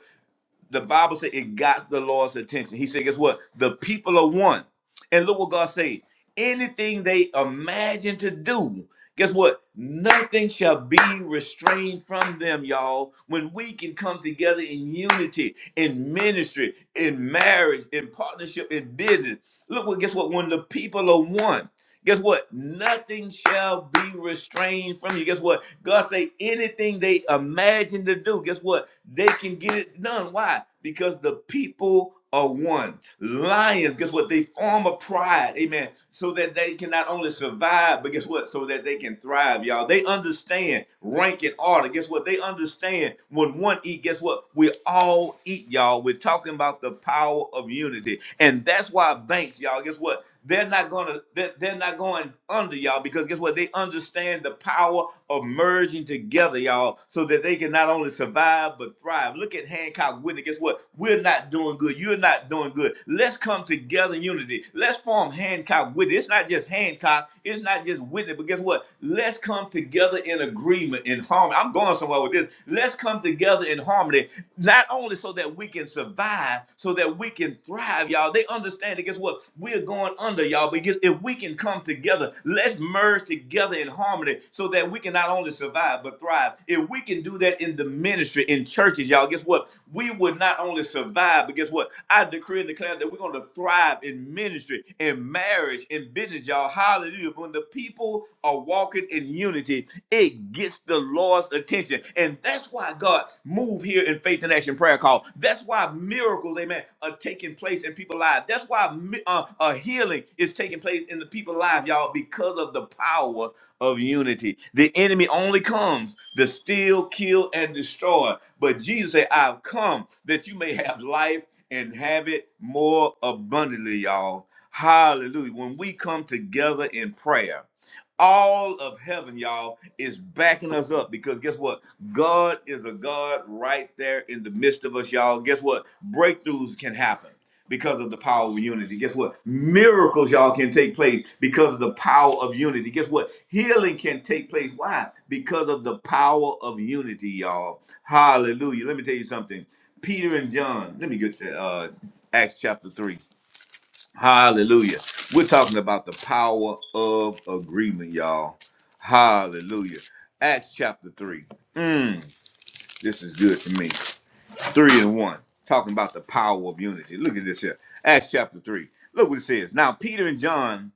B: the Bible said it got the Lord's attention. He said, guess what? The people are one. And look what God said. Anything they imagine to do, guess what? Nothing shall be restrained from them, y'all. When we can come together in unity, in ministry, in marriage, in partnership, in business. Look what guess what? When the people are one. Guess what? Nothing shall be restrained from you. Guess what? God say anything they imagine to do. Guess what? They can get it done. Why? Because the people are one. Lions, guess what? They form a pride, amen, so that they can not only survive, but guess what? So that they can thrive, y'all. They understand rank and order. Guess what? They understand when one eat, guess what? We all eat, y'all. We're talking about the power of unity. And that's why banks, y'all, guess what? they're not gonna they're, they're not going under y'all because guess what they understand the power of merging together y'all so that they can not only survive but thrive look at hancock whitney guess what we're not doing good you're not doing good let's come together in unity let's form hancock whitney it's not just hancock it's not just whitney but guess what let's come together in agreement in harmony i'm going somewhere with this let's come together in harmony not only so that we can survive survive so that we can thrive, y'all. They understand that guess what? We're going under, y'all. But guess- if we can come together, let's merge together in harmony so that we can not only survive but thrive. If we can do that in the ministry, in churches, y'all, guess what? We would not only survive, but guess what? I decree and declare that we're going to thrive in ministry, in marriage, in business, y'all. Hallelujah. When the people are walking in unity, it gets the Lord's attention attention. And that's why God moved here in Faith and Action Prayer Call. That's why miracles, amen, are taking place in people's lives. That's why mi- uh, uh, healing is taking place in the people's lives, y'all, because of the power of unity. The enemy only comes to steal, kill, and destroy. But Jesus said, I've come that you may have life and have it more abundantly, y'all. Hallelujah. When we come together in prayer, all of heaven, y'all, is backing us up because guess what? God is a God right there in the midst of us, y'all. Guess what? Breakthroughs can happen because of the power of unity. Guess what? Miracles, y'all, can take place because of the power of unity. Guess what? Healing can take place. Why? Because of the power of unity, y'all. Hallelujah. Let me tell you something. Peter and John, let me get to uh, Acts chapter 3. Hallelujah. We're talking about the power of agreement, y'all. Hallelujah. Acts chapter 3. Mm, this is good to me. 3 and 1. Talking about the power of unity. Look at this here. Acts chapter 3. Look what it says. Now, Peter and John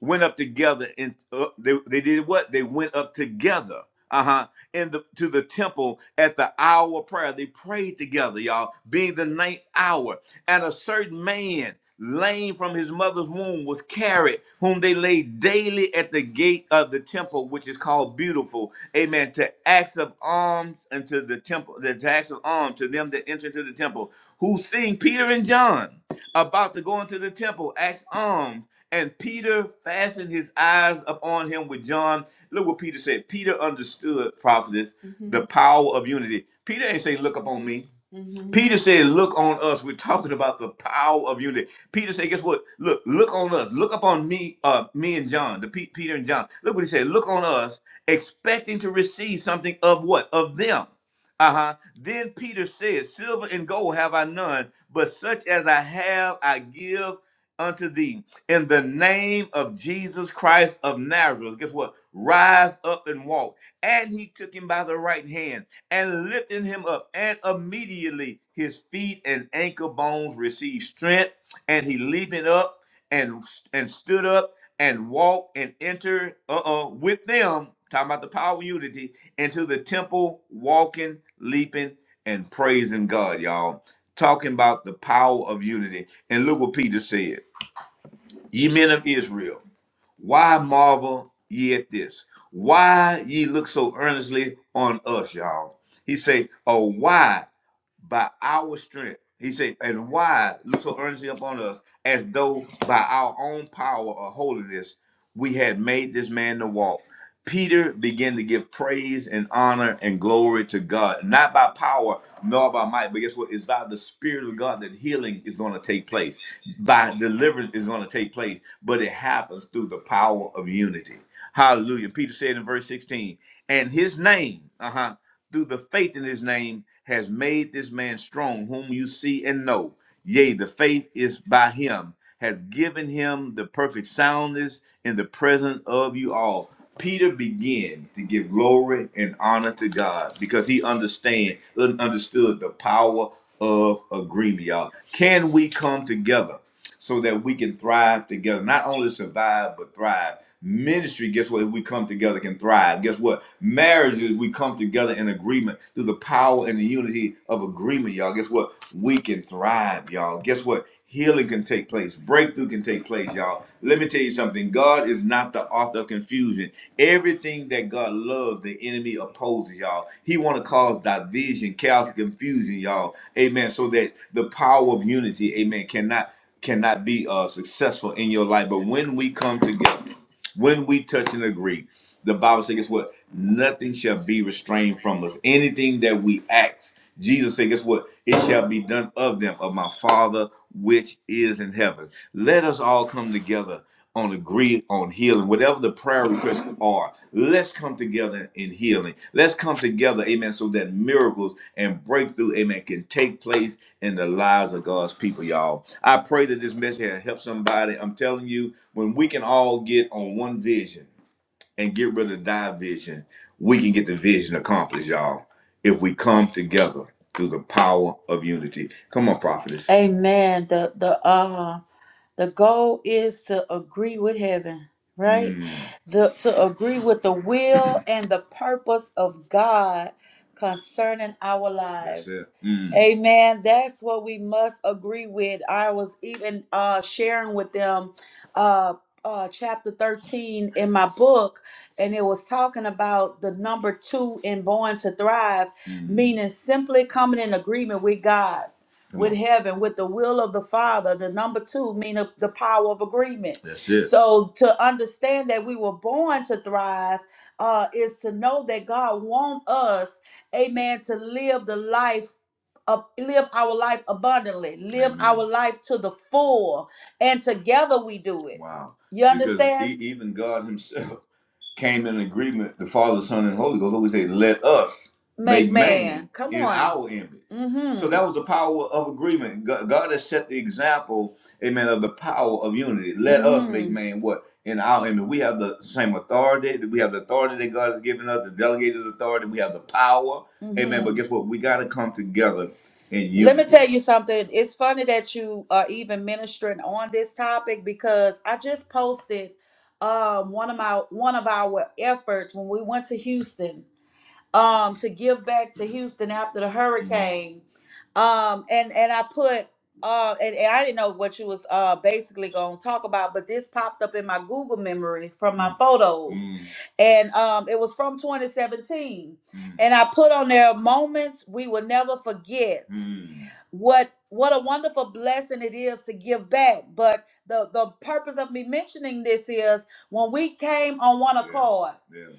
B: went up together and uh, they, they did what they went up together uh-huh in the to the temple at the hour of prayer they prayed together y'all being the ninth hour and a certain man lame from his mother's womb was carried whom they laid daily at the gate of the temple which is called beautiful amen to acts of alms and to the temple the acts of alms to them that enter into the temple who seeing peter and john about to go into the temple acts alms and Peter fastened his eyes upon him with John. Look what Peter said. Peter understood, prophetess, Mhm. the power of unity. Peter ain't say, look upon me. Mhm. Peter said, look on us. We're talking about the power of unity. Peter said, guess what? Look, look on us. Look upon me, uh, me and John, the Pe- Peter and John. Look what he said. Look on us, expecting to receive something of what? Of them. Uh huh. Then Peter said, Silver and gold have I none, but such as I have, I give unto thee. In the name of Jesus Christ of Nazareth, guess what? Rise up and walk. And he took him by the right hand and lifted him up, and immediately his feet and ankle bones received strength, and he leaping up and and stood up and walked and entered uh-uh with them talking about the power of unity into the temple walking leaping and praising god y'all talking about the power of unity and look what peter said ye men of israel why marvel ye at this why ye look so earnestly on us y'all he say oh why by our strength. He said, and why look so earnestly upon us, as though by our own power or holiness we had made this man to walk. Peter began to give praise and honor and glory to God, not by power nor by might, but guess what? It's by the Spirit of God that healing is going to take place, by deliverance is going to take place, but it happens through the power of unity. Hallelujah. Peter said in verse 16, and his name, uh-huh, through the faith in his name has made this man strong, whom you see and know. Yea, the faith is by him, has given him the perfect soundness in the presence of you all. Peter began to give glory and honor to God because he understand understood the power of agreement, y'all. Can we come together? so that we can thrive together. Not only survive, but thrive. Ministry, guess what? If we come together, can thrive. Guess what? Marriage, if we come together in agreement through the power and the unity of agreement, y'all. Guess what? We can thrive, y'all. Guess what? Healing can take place. Breakthrough can take place, y'all. Let me tell you something. God is not the author of confusion. Everything that God loves, the enemy opposes, y'all. He want to cause division, chaos, confusion, y'all. Amen. So that the power of unity, amen, cannot cannot be uh, successful in your life. But when we come together, when we touch and agree, the Bible says, guess what? Nothing shall be restrained from us. Anything that we ask, Jesus said, guess what? It shall be done of them, of my Father which is in heaven. Let us all come together on agree on healing, whatever the prayer requests are, let's come together in healing. Let's come together, amen, so that miracles and breakthrough, amen, can take place in the lives of God's people, y'all. I pray that this message has helped somebody. I'm telling you, when we can all get on one vision and get rid of division, we can get the vision accomplished, y'all, if we come together through the power of unity. Come on, prophetess. Amen. The the uh the goal is to agree with heaven, right? Mm. The, to agree with the will and the purpose of God concerning our lives. That's it. lives. Mm. Amen. That's what we must agree with. I was even uh, sharing with them uh, uh, chapter 13 in my book, and it was talking about the number two in Born to Thrive, Mm. meaning simply coming in agreement with God with heaven, with the will of the Father. The number two mean a- the power of agreement. That's it. So to understand that we were born to thrive uh, is to know that God wants us, Amen, to live the life. Up, live our life abundantly, live Amen. our life to the full, and together we do it. Wow. You Because e- understand? e- even God Himself came in agreement, the Father, Son, and Holy Ghost, always say, let us Make make man man. Come in on. our image. So Mm-hmm. So that was the power of agreement. Go- God has set the example, amen, of the power of unity. Let us make Mm-hmm. man what? In our image. We have the same authority. We have the authority that God has given us, the delegated authority. We have the power. Amen. Mm-hmm. But Mm-hmm. guess what? We got to come together in Let me unity. tell you something. It's funny that you are even ministering on this topic because I just posted um one of my one of our efforts when we went to Houston um, to give back to Houston after the hurricane. Um, and and I put uh, and, and I didn't know what you was uh basically gonna talk about, but this popped up in my Google memory from my photos, and um, it was from 2017, and I put on there moments we will never forget what what a wonderful blessing it is to give back but the the purpose of me mentioning this is when we came on one accord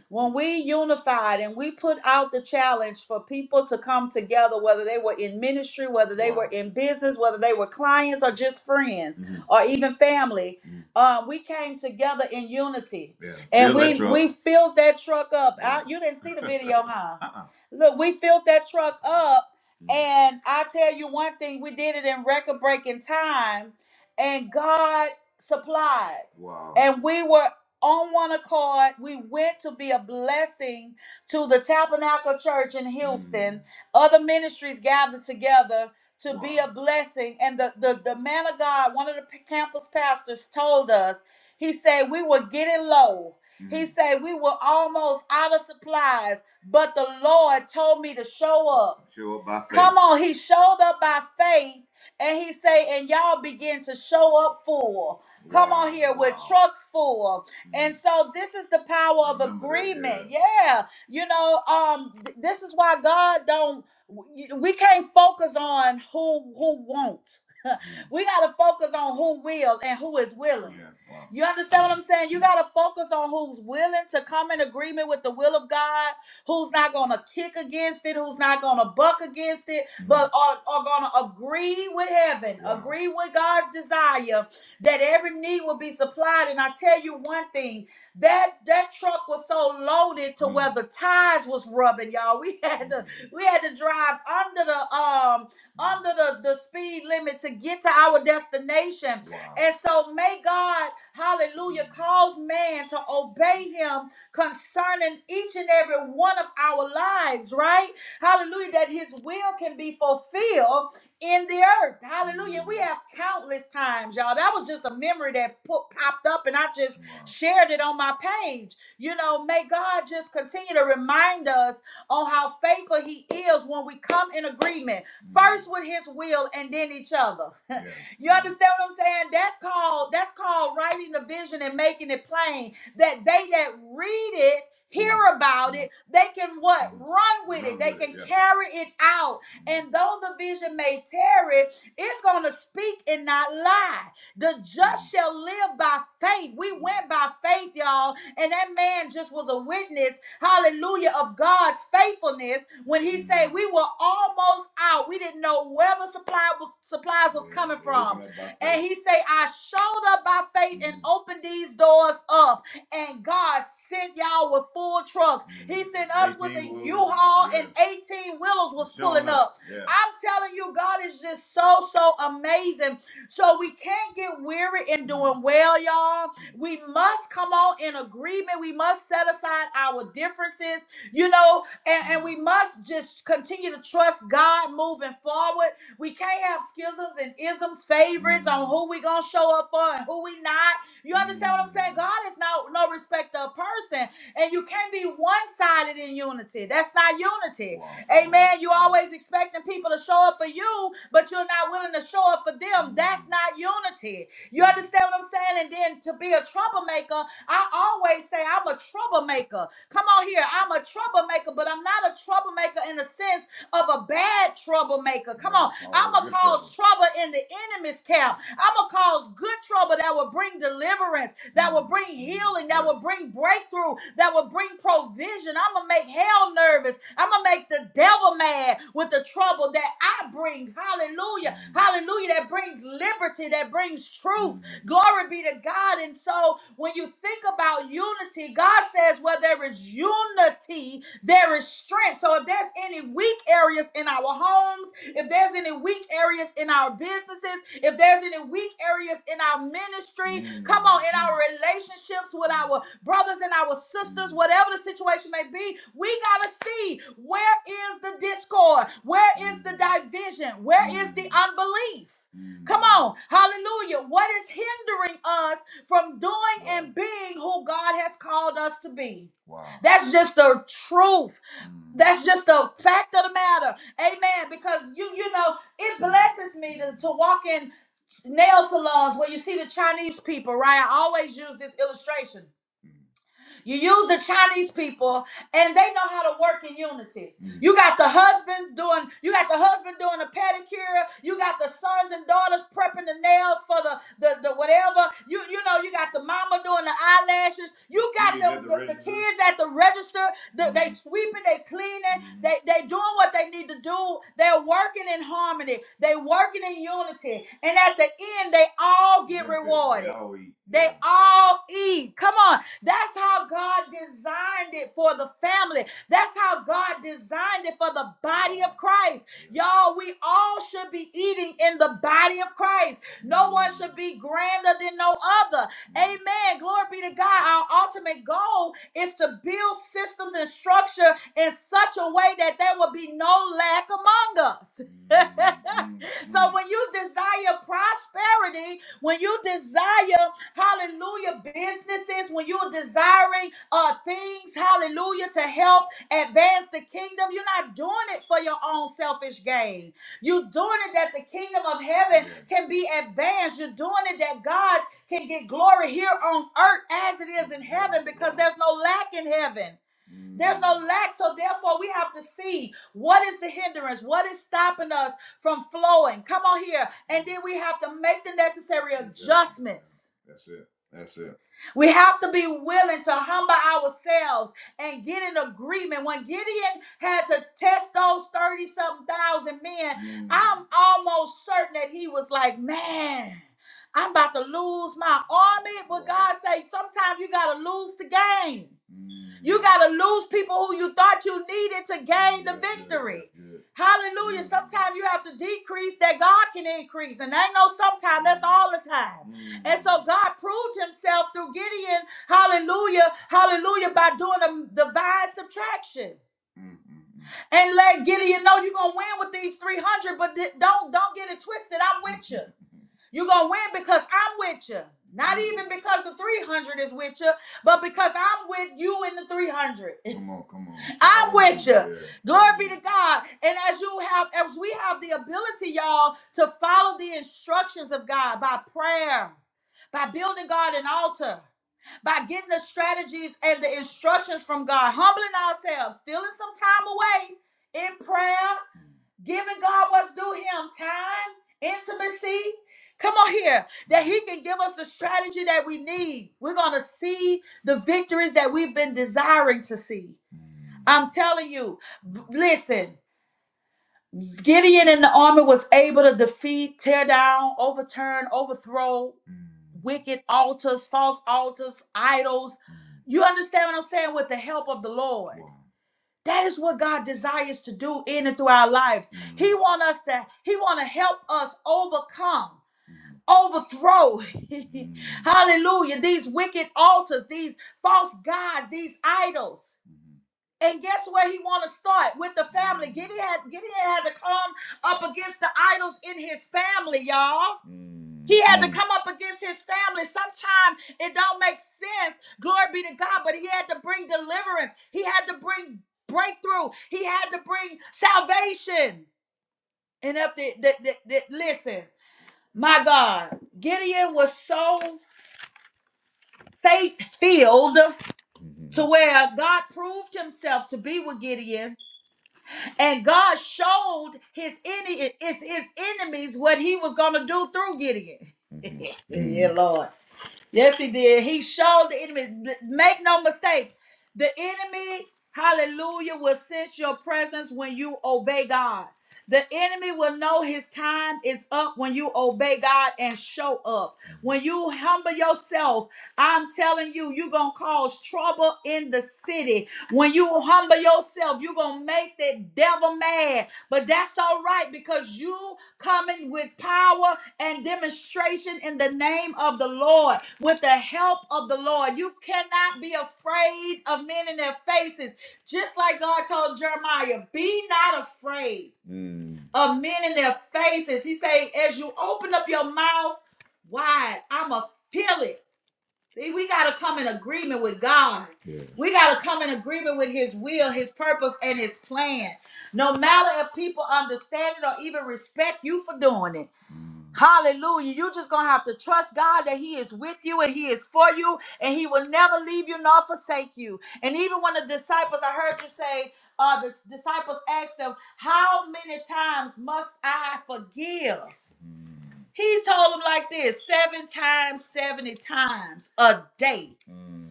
B: when we unified and we put out the challenge for people to come together, whether they were in ministry, whether they Wow. were Wow. in business, whether they were clients or just friends Mhm. or even family, Mhm. uh, we came together in unity. Yeah. And Fill that we truck. we filled that truck up. I- Yeah. you didn't see the video, huh? Uh-uh. Look, we filled that truck up. Mhm. And I tell you one thing, we did it in record breaking time, and God supplied. Wow. And we were on one accord. We went to be a blessing to the Tabernacle Church in Houston. Other ministries gathered together to be a blessing. And the, the, the man of God, one of the p- campus pastors, told us, he said, We were getting low. He said, We were almost out of supplies, but the Lord told me to show up. Show up by faith. Come on, he showed up by faith. And he say, and y'all begin to show up full. Come Wow. on here with wow. trucks full. And so this is the power of agreement. Yeah. Yeah. You know, um th- this is why God don't we can't focus on who who won't. we got to focus on who will and who is willing. Yeah. Wow. You understand what I'm saying? You got to focus on who's willing to come in agreement with the will of God, who's not going to kick against it, who's not going to buck against it, Mm. but are, are going to agree with heaven, Wow. agree with God's desire, that every need will be supplied. And I tell you one thing, that that truck was so loaded to where the tires was rubbing, y'all. We had to we had to drive under the um under the, the speed limit to get to our destination. Wow. And so may God, hallelujah, cause man to obey him concerning each and every one of our lives, right? Hallelujah, that his will can be fulfilled in the earth. Hallelujah. We have countless times, y'all. That was just a memory that put, popped up, and I just shared it on my page. You know, may God just continue to remind us on how faithful He is when we come in agreement, first with His will and then each other. you understand what I'm saying? That called that's called writing the vision and making it plain that they that read it. Hear about it, they can what? Run with it. They can carry it out and though the vision may tarry, it's going to speak and not lie. The just shall live by faith. We went by faith, y'all. And that man just was a witness, hallelujah, of God's faithfulness when he said we were almost out. We didn't know where the supply was, supplies was coming from. And he said, I showed up by faith and opened these doors up and God sent y'all with full trucks. He Mhm. sent us with a haul Yeah. and 18 wheelers was Showing pulling up. up. Yeah. I'm telling you, God is just so, so amazing. So we can't get weary in Mm. doing well, y'all. We must come on in agreement. We must set aside our differences, you know, and, and we must just continue to trust God moving forward. We can't have schisms and isms, favorites on Mm. who we gonna show up for and who we not. You understand what I'm saying? God is no no respecter of person, and you can't be one sided in unity. That's not unity. Amen. You always expecting people to show up for you, but you're not willing to show up for them. That's not unity. You understand what I'm saying? And then to be a troublemaker, I always say I'm a troublemaker. Come on here, I'm a troublemaker, but I'm not a troublemaker in a sense of a bad troublemaker. Come on. I'm going to cause trouble in the enemy's camp. I'm going to cause good trouble that will bring deliverance, that will bring healing, that will bring breakthrough, that will bring provision. I'm going to make hell nervous. I'm going to make the devil mad with the trouble that I bring. Hallelujah. Hallelujah. That brings liberty, that brings truth. Glory be to God. And so when you think about unity, God says, where there is unity, there is strength. So if there's any weak areas in our homes, if there's any weak areas in our businesses, if there's any weak areas in our ministry, mm. come on, in our relationships with our brothers and our sisters, whatever the situation may be, we got to see where is the discord? Where is the division? Where is the unbelief? Come on, hallelujah. What is hindering us from doing and being who God has called us to be? Wow. That's just the truth. Mm. That's just the fact of the matter. Amen. Because you, you know, it blesses me to, to walk in nail salons where you see the Chinese people, right? I always use this illustration. You use the Chinese people, and they know how to work in unity. Mm. You got the husbands doing, you got the husband doing the pedicure. You got the sons and daughters prepping the nails for the the, the whatever. You you know, you got the mama doing the eyelashes. You got the, the the- kids at the register. The- Mhm. They Mhm. sweeping, they cleaning, Mhm. they they doing what they need to do. They're working in harmony. They working in unity, and at the end, they all get They- they- they rewarded. all eat. They Yeah. all eat. Come on. That's how God designed it for the family. That's how God designed it for the body of Christ. Y'all, we all should be eating in the body of Christ. No one should be grander than no other. Amen. Glory be to God. Our ultimate goal is to build systems and structure in such a way that there will be no lack among us. so when you desire prosperity, when you desire Hallelujah. Businesses, when you're desiring uh things, hallelujah, to help advance the kingdom, you're not doing it for your own selfish gain. You're doing it that the kingdom of heaven Amen. can be advanced. You're doing it that God can get glory here on earth as it is in heaven because there's no lack in heaven. There's Mm. no lack. So therefore, we have to see what is the hindrance, what is stopping us from flowing. Come on here. And then we have to make the necessary adjustments. That's it. That's it. We have to be willing to humble ourselves and get in agreement. When Gideon had to test those 30 something thousand men, Mm. I'm almost certain that he was like, man. I'm about to lose my army, but Wow. God said, sometimes you gotta lose the game. Mm-hmm. You got to lose people who you thought you needed to gain the victory. Good, good. Hallelujah. Mm-hmm. Sometimes you have to decrease that God can increase. And I know sometimes that's all the time. Mm-hmm. And so God proved himself through Gideon. Hallelujah. Hallelujah. By doing the divine subtraction Mm-hmm. and let Gideon know you're gonna win with these 300, but th- don't don't get it twisted. I'm with you. You're gonna win because I'm with you. Not even because the 300 is with you but because I'm with you in the 300. Come on, come on. Come I'm on, with you. Hallelujah. Glory be to God. And as you have, as we have the ability, y'all, to follow the instructions of God by prayer, by building God an altar, by getting the strategies and the instructions from God, humbling ourselves, stealing some time away in prayer giving God what's due him time, intimacy. Come on here, that he can give us the strategy that we need. We're going to see the victories that we've been desiring to see. I'm telling you, v- listen, Gideon in the army was able to defeat, tear down, overturn, overthrow wicked altars, false altars, idols. You understand what I'm saying? With the help of the Lord. That is what God desires to do in and through our lives. Mm. He want us to, He want to help us overcome overthrow Mm. hallelujah these wicked altars these false gods these idols Mhm. and guess where he want to start with the family gideon had, gideon had to come up against the idols in his family y'all Mm. he had to Mm. come up against his family. Sometimes it don't make sense. Glory be to God. But he had to bring deliverance. He had to bring breakthrough. He had to bring salvation. And if the, the, the, the- listen, my God, Gideon was so faith filled hmm to where God proved himself to be with Gideon, and God showed his ene- it's his enemies what he was gonna do through Gideon. yeah, Lord. Yes, he did. He showed the enemy. Make no mistake, the enemy, hallelujah, will sense your presence when you obey God. The enemy will know his time is up when you obey God and show up. When you humble yourself, I'm telling you, you're going to cause trouble in the city. When you humble yourself, you're going to make that devil mad but that's all right because you coming with power and demonstration in the name of the Lord, with the help of the Lord. You cannot be afraid of men in their faces. Just like God told Jeremiah, be not afraid Mm. of men in their faces. He say, as you open up your mouth wide, I'ma feel it. See, we got to come in agreement with God. Yeah. We got to come in agreement with His will, His purpose, and His plan. No matter if people understand it or even respect you for doing it. Mm. Hallelujah. you just going to have to trust God that He is with you and He is for you and He will never leave you nor forsake you. And even when the disciples, I heard you say, uh, the disciples asked them, How many times must I forgive? He told him like this seven times, 70 times a day. Mm.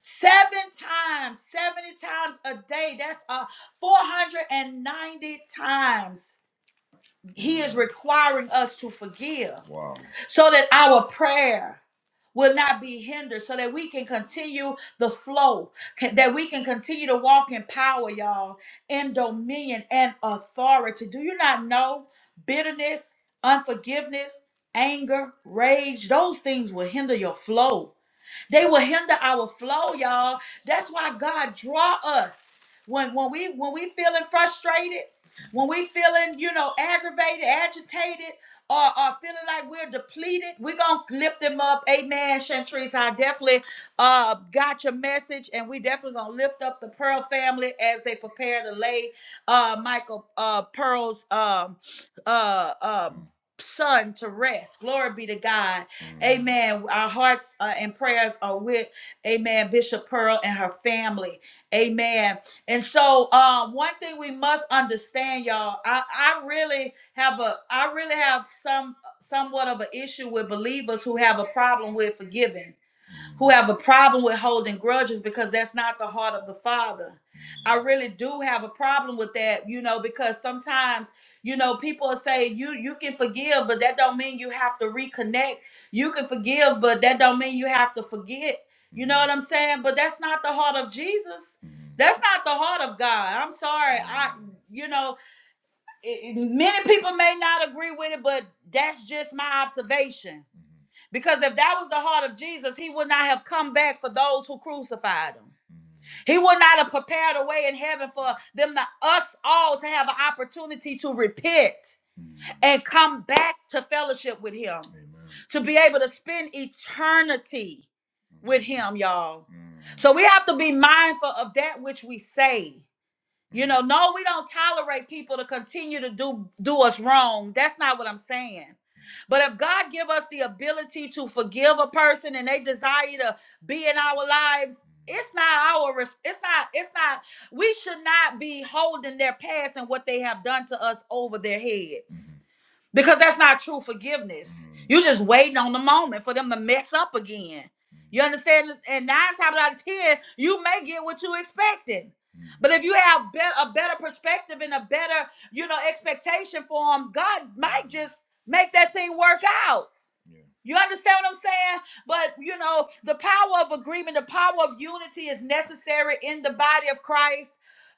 B: Seven times, 70 times a day. That's uh, 490 times he is requiring us to forgive Wow. so that our prayer will not be hindered, so that we can continue the flow, can- that we can continue to walk in power, y'all, in dominion and authority. Do you not know bitterness, unforgiveness, anger, rage, those things will hinder your flow? They will hinder our flow, y'all. That's why God draw us. When when we when we feeling frustrated, when we feeling, you know, aggravated, agitated, or, or feeling like we're depleted, we're gonna lift them up. Amen. Shantrice, I definitely uh got your message, and we definitely gonna lift up the Pearl family as they prepare to lay uh Michael uh Pearl's um uh um son to rest. Glory be to God Amen. Our hearts uh, and prayers are with, amen, Bishop Pearl and her family. Amen. And so, um, one thing we must understand, y'all, I, I really have a, I really have some, somewhat of an issue with believers who have a problem with forgiving who have a problem with holding grudges because that's not the heart of the father. I really do have a problem with that, you know, because sometimes, you know, people will say you you can forgive, but that don't mean you have to reconnect. You can forgive, but that don't mean you have to forget. You know what I'm saying? But that's not the heart of Jesus. That's not the heart of God. I'm sorry. I you know, it- many people may not agree with it, but that's just my observation. Mhm. Because if that was the heart of Jesus, he would not have come back for those who crucified him. Mhm. He would not have prepared a way in heaven for them to us all to have an opportunity to repent Mhm. and come back to fellowship with him. Amen. To be able to spend eternity with him, y'all. Mhm. So we have to be mindful of that which we say you know, no, we don't tolerate people to continue to do do us wrong. That's not what I'm saying. But if God give us the ability to forgive a person and they desire to be in our lives, it's not our it's not it's not we should not be holding their past and what they have done to us over their heads because that's not true forgiveness. You're just waiting on the moment for them to mess up again. You understand? And nine times out of ten, you may get what you expected. But if you have bet a better perspective and a better, you know, expectation for them, God might just make that thing work out. Yeah. You understand what I'm saying? But you know, the power of agreement, the power of unity is necessary in the body of Christ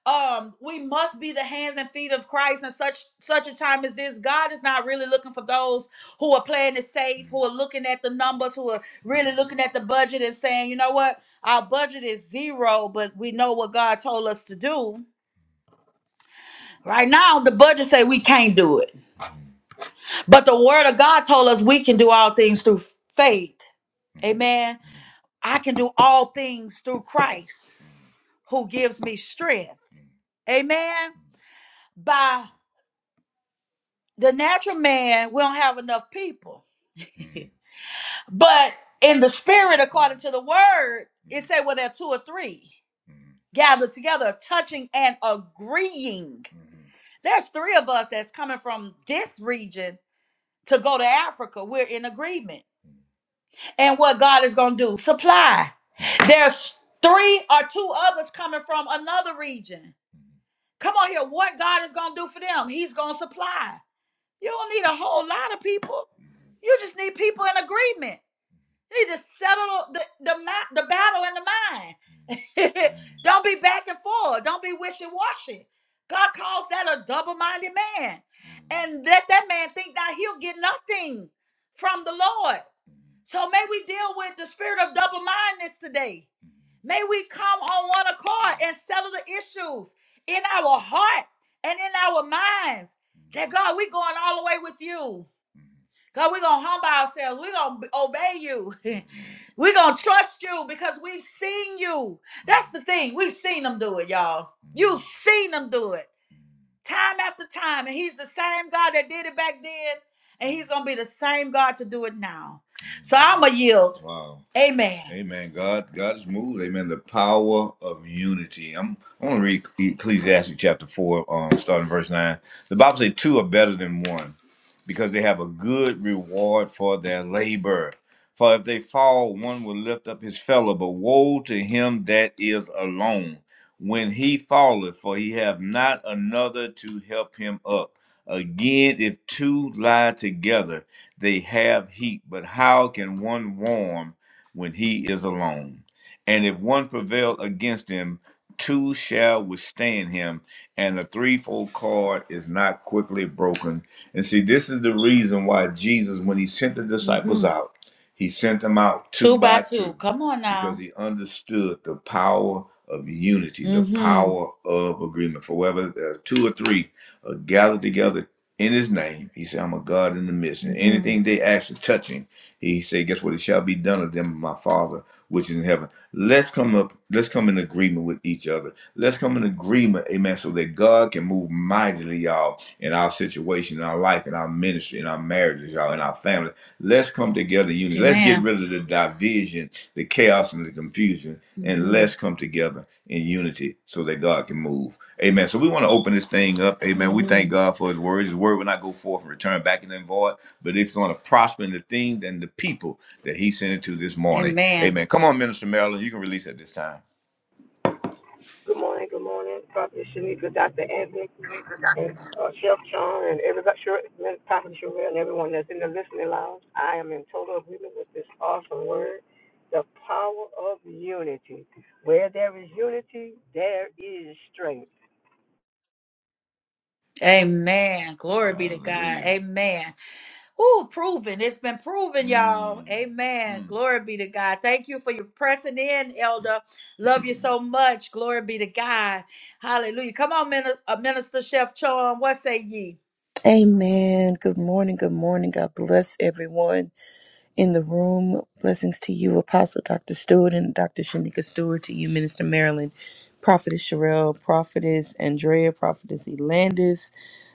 B: um we must be the hands and feet of christ in such such a time as this god is not really looking for those who are playing it safe who are looking at the numbers who are really looking at the budget and saying you know what our budget is zero but we know what god told us to do right now the budget say we can't do it but the word of god told us we can do all things through faith amen i can do all things through christ who gives me strength amen by The natural man, we don't have enough people. Mm. But in the spirit, according to the word, Mm. it said, well, there are two or three Mm. gathered together, touching and agreeing. Mhm. There's three of us that's coming from this region to go to Africa. We're in agreement. Mm. and what God is going to do. Supply. Mm. There's three or two others coming from another region. Come on here. What God is going to do for them, He's going to supply. You don't need a whole lot of people. You just need people in agreement. You need to settle the the, mi- the battle in the mind. don't be back and forth. Don't be wishy washy. God calls that a double minded man. And let that man think that he'll get nothing from the Lord. So may we deal with the spirit of double mindedness today. May we come on one accord and settle the issues in our heart and in our minds. That God, we going all the way with you. God, we're gonna humble ourselves. We're gonna obey you. we're gonna trust you because we've seen you. That's the thing. We've seen them do it, y'all. You've seen them do it time after time. And he's the same God that did it back then. And he's going to be the same God to do it now. So I'm going to yield. Wow. Amen. Amen. God, God is moved. Amen. The power of unity. I'm, I'm going to read Ecclesiastes chapter four, um, starting verse nine. The Bible says two are better than one, because they have a good reward for their labor. For if they fall, one will lift up his fellow. But woe to him that is alone when he falleth, for he have not another to help him up. Again, if two lie together, they have heat, but how can one warm when he is alone? And if one prevail against him, two shall withstand him, and a threefold cord is not quickly broken. And see, this is the reason why Jesus, when he sent the disciples out. He sent them out two Two by by two. two Come on because now. he understood the power of unity, the Mm-hmm. power of agreement. For whether there are two or three are gathered together in his name, he said, I'm a God in the midst. And Mm-hmm. anything they ask to touch him. He said, Guess what? It shall be done of them, my Father, which is in heaven. Let's come up, let's come in agreement with each other. Let's come in agreement, amen, so that God can move mightily, y'all, in our situation, in our life, in our ministry, in our marriages, y'all, in our family. Let's come together, unity. Let's get rid of the division, the chaos, and the confusion, and Mhm. let's come together in unity so that God can move. Amen. So we want to open this thing up. Amen. We thank God for his word. His word will not go forth and return back in the void, but it's going to prosper in the things and the people that he sent it to this morning. Amen. Amen. Come on, Minister Marilyn. You can release at this time.
C: Good morning, good morning, Prophet Shanika, Dr. Anthony, and uh, Chef John, and everybody, sure, and Prophet Sherelle, and everyone that's in the listening lounge. I am in total agreement with this awesome word, the power of unity. Where there is unity, there is strength.
B: Amen. Glory be to God. Hallelujah. Amen. Ooh, proven. It's been proven, y'all. Mm, Amen. mm, Glory be to God. Thank you for your pressing in, Elder. Love you so much. Glory be to God. Hallelujah. Come on, Minister, uh, Minister Chef Chon. What say ye?
D: Amen. Good morning. Good morning. God bless everyone in the room. Blessings to you, Apostle Dr. Stewart and Dr. Shanika Stewart, to you, Minister Marilyn, Prophetess Sherelle, Prophetess Andrea, Prophetess Elandis,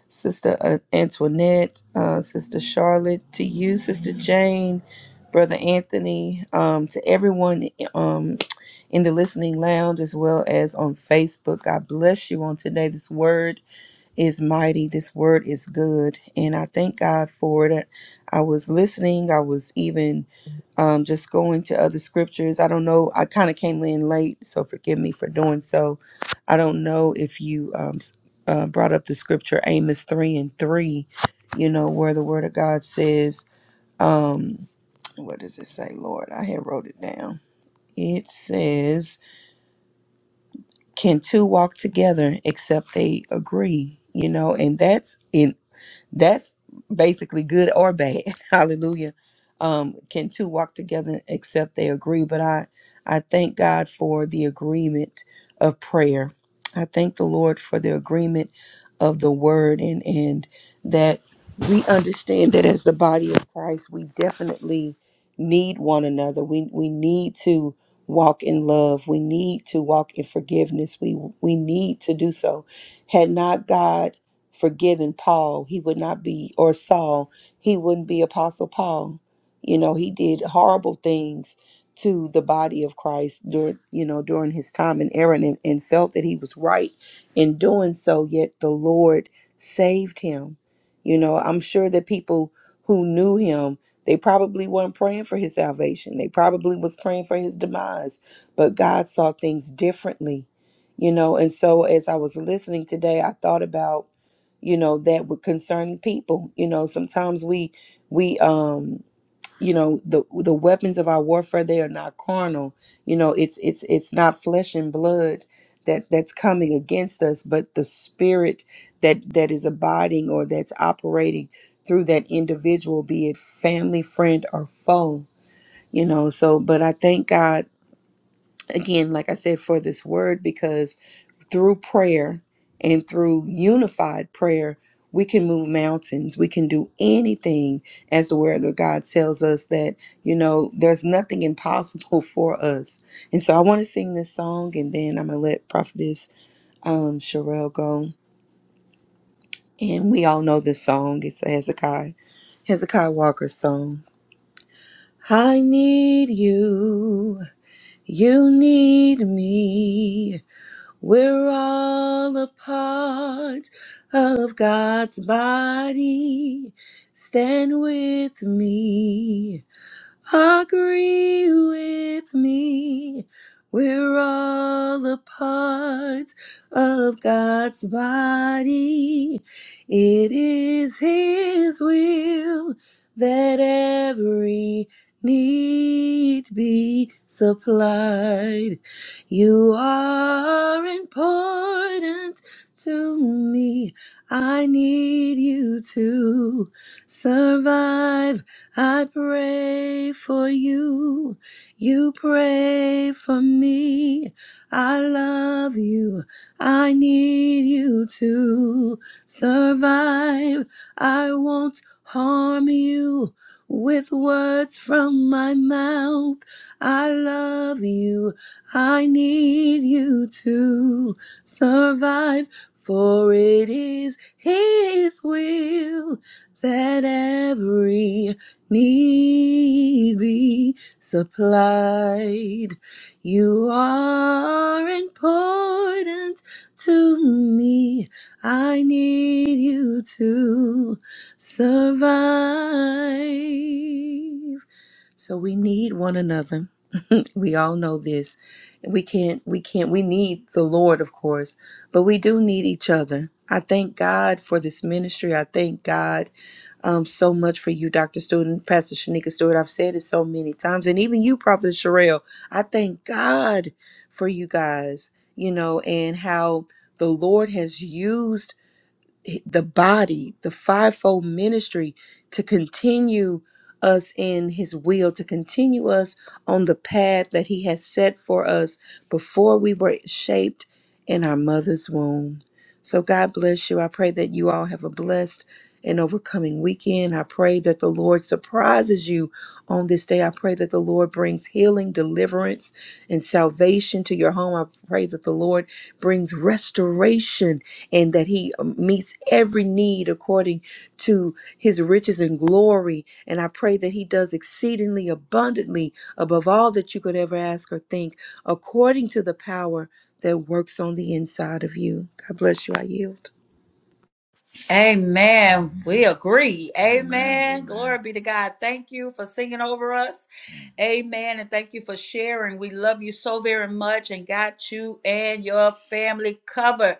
D: Sister uh, Antoinette, uh, Sister Charlotte, to you, Sister Jane, Brother Anthony, um, to everyone um, in the listening lounge as well as on Facebook. God bless you on today, this word is mighty. This word is good. And I thank God for it. I was listening. I was even um, just going to other scriptures. I don't know. I kind of came in late, so forgive me for doing so. I don't know if you um, s- uh, brought up the scripture Amos 3 and 3, you know, where the word of God says, um, what does it say, Lord? I had wrote it down. It says, can two walk together except they agree? You know, and that's in That's basically good or bad. Hallelujah. Um, can two walk together except they agree? But I, I thank God for the agreement of prayer. I thank the Lord for the agreement of the word and, and that we understand that as the body of Christ, we definitely need one another. We, we need to walk in love. We need to walk in forgiveness. We, we need to do so. Had not God forgiven Paul, he would not be, or Saul, he wouldn't be Apostle Paul. You know, he did horrible things to the body of Christ during, you know, during his time in Aaron and, and felt that he was right in doing so, yet the Lord saved him. You know, I'm sure that people who knew him, they probably weren't praying for his salvation. They probably was praying for his demise, but God saw things differently, you know. And so as I was listening today, I thought about you know that would concern people you know sometimes we we um you know the the weapons of our warfare they are not carnal you know it's it's it's not flesh and blood that that's coming against us but the spirit that that is abiding or that's operating through that individual be it family friend or foe you know so but i thank god again like i said for this word because through prayer and through unified prayer, we can move mountains. We can do anything as the word of God tells us that, you know, there's nothing impossible for us. And so I want to sing this song and then I'm going to let Prophetess um, Sherelle go. And we all know this song. It's a Hezekiah, Hezekiah Walker song. I need you. You need me. We're all a part of God's body. Stand with me. Agree with me. We're all a part of God's body. It is His will that every need be supplied. You are important to me. I need you to survive. I pray for you. You pray for me. I love you. I need you to survive. I won't harm you with words from my mouth. I love you. I need you to survive. For it is His will that every need be supplied. You are important to me. I need you to survive. So we need one another. We all know this. We can't, we can't, we need the Lord, of course, but we do need each other. I thank God for this ministry. I thank God um, so much for you, Dr. Stewart and Pastor Shanika Stewart. I've said it so many times. And even you, Prophet Sherelle, I thank God for you guys, you know, and how the Lord has used the body, the fivefold ministry to continue us in his will, to continue us on the path that he has set for us before we were shaped in our mother's womb. So God bless you. I pray that you all have a blessed and overcoming weekend. I pray that the Lord surprises you on this day. I pray that the Lord brings healing, deliverance, and salvation to your home. I pray that the Lord brings restoration and that He um, meets every need according to His riches and glory. And I pray that He does exceedingly abundantly above all that you could ever ask or think, according to the power that works on the inside of you. God bless you. I yield.
B: Amen. We agree. Amen. Glory be to God. Thank you for singing over us. Amen. And thank you for sharing. We love you so very much and got you and your family covered.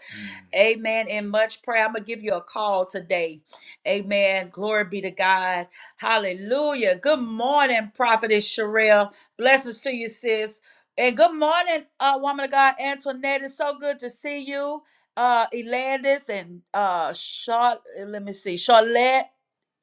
B: Amen. In much prayer. I'm going to give you a call today. Amen. Glory be to God. Hallelujah. Good morning, Prophetess Sherelle. Blessings to you, sis. And good morning, uh, woman of God, Antoinette. It's so good to see you uh Elandis and uh Charlotte, let me see, Charlotte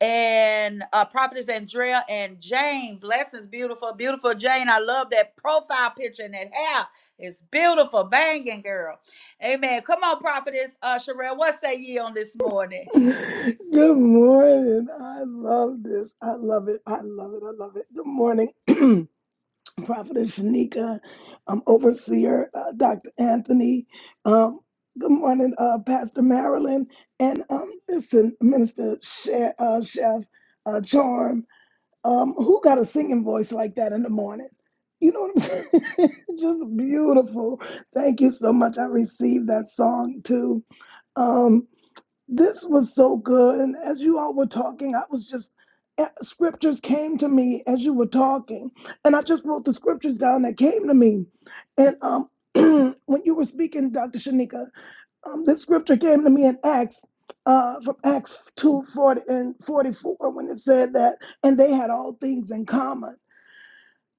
B: and uh Prophetess Andrea and Jane. Blessings, beautiful, beautiful Jane. I love that profile picture and that hair. It's beautiful, banging girl. Amen. Come on, Prophetess uh Sherelle, what say ye on this morning?
E: Good morning. I love this. I love it. I love it. I love it. Good morning, Prophetess Shanika, um, Overseer uh, Dr. Anthony. Um, good morning, uh, Pastor Marilyn, and um, listen, Minister Chef, uh, Chef uh, Charm. Um, who got a singing voice like that in the morning? You know what I'm saying? Just beautiful. Thank you so much. I received that song too. Um, this was so good. And as you all were talking, I was just, eh, scriptures came to me as you were talking. And I just wrote the scriptures down that came to me. And um, when you were speaking, Dr. Shanika, um, this scripture came to me in Acts. Uh, from Acts 2:40 and 44, when it said that, and they had all things in common.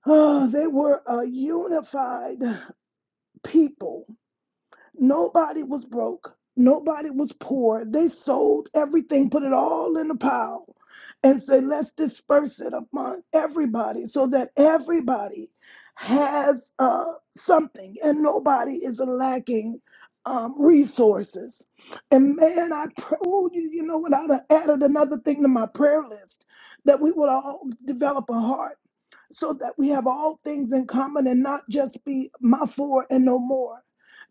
E: Oh, they were a unified people Nobody was broke. Nobody was poor. They sold everything, put it all in a pile, and say, let's disperse it among everybody so that everybody has uh, something and nobody is lacking um, resources. And man, I pray, oh, you, you know what? I'd have added another thing to my prayer list that we would all develop a heart so that we have all things in common and not just be my four and no more.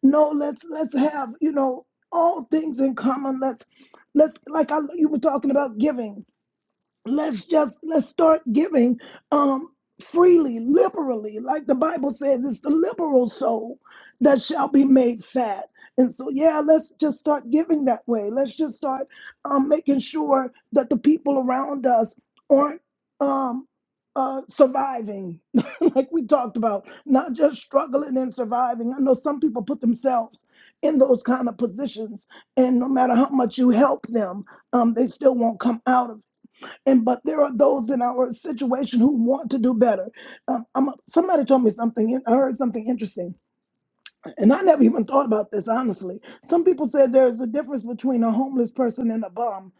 E: No, let's let's have you know all things in common. Let's let's like I, you were talking about giving let's just let's start giving um freely liberally like the bible says it's the liberal soul that shall be made fat and so yeah let's just start giving that way let's just start um making sure that the people around us aren't um uh, surviving, like we talked about, not just struggling and surviving. I know some people put themselves in those kind of positions, and no matter how much you help them, um, they still won't come out of it. And but there are those in our situation who want to do better. Um, I'm, somebody told me something. I heard something interesting and I never even thought about this, honestly. Some people said there's a difference between a homeless person and a bum.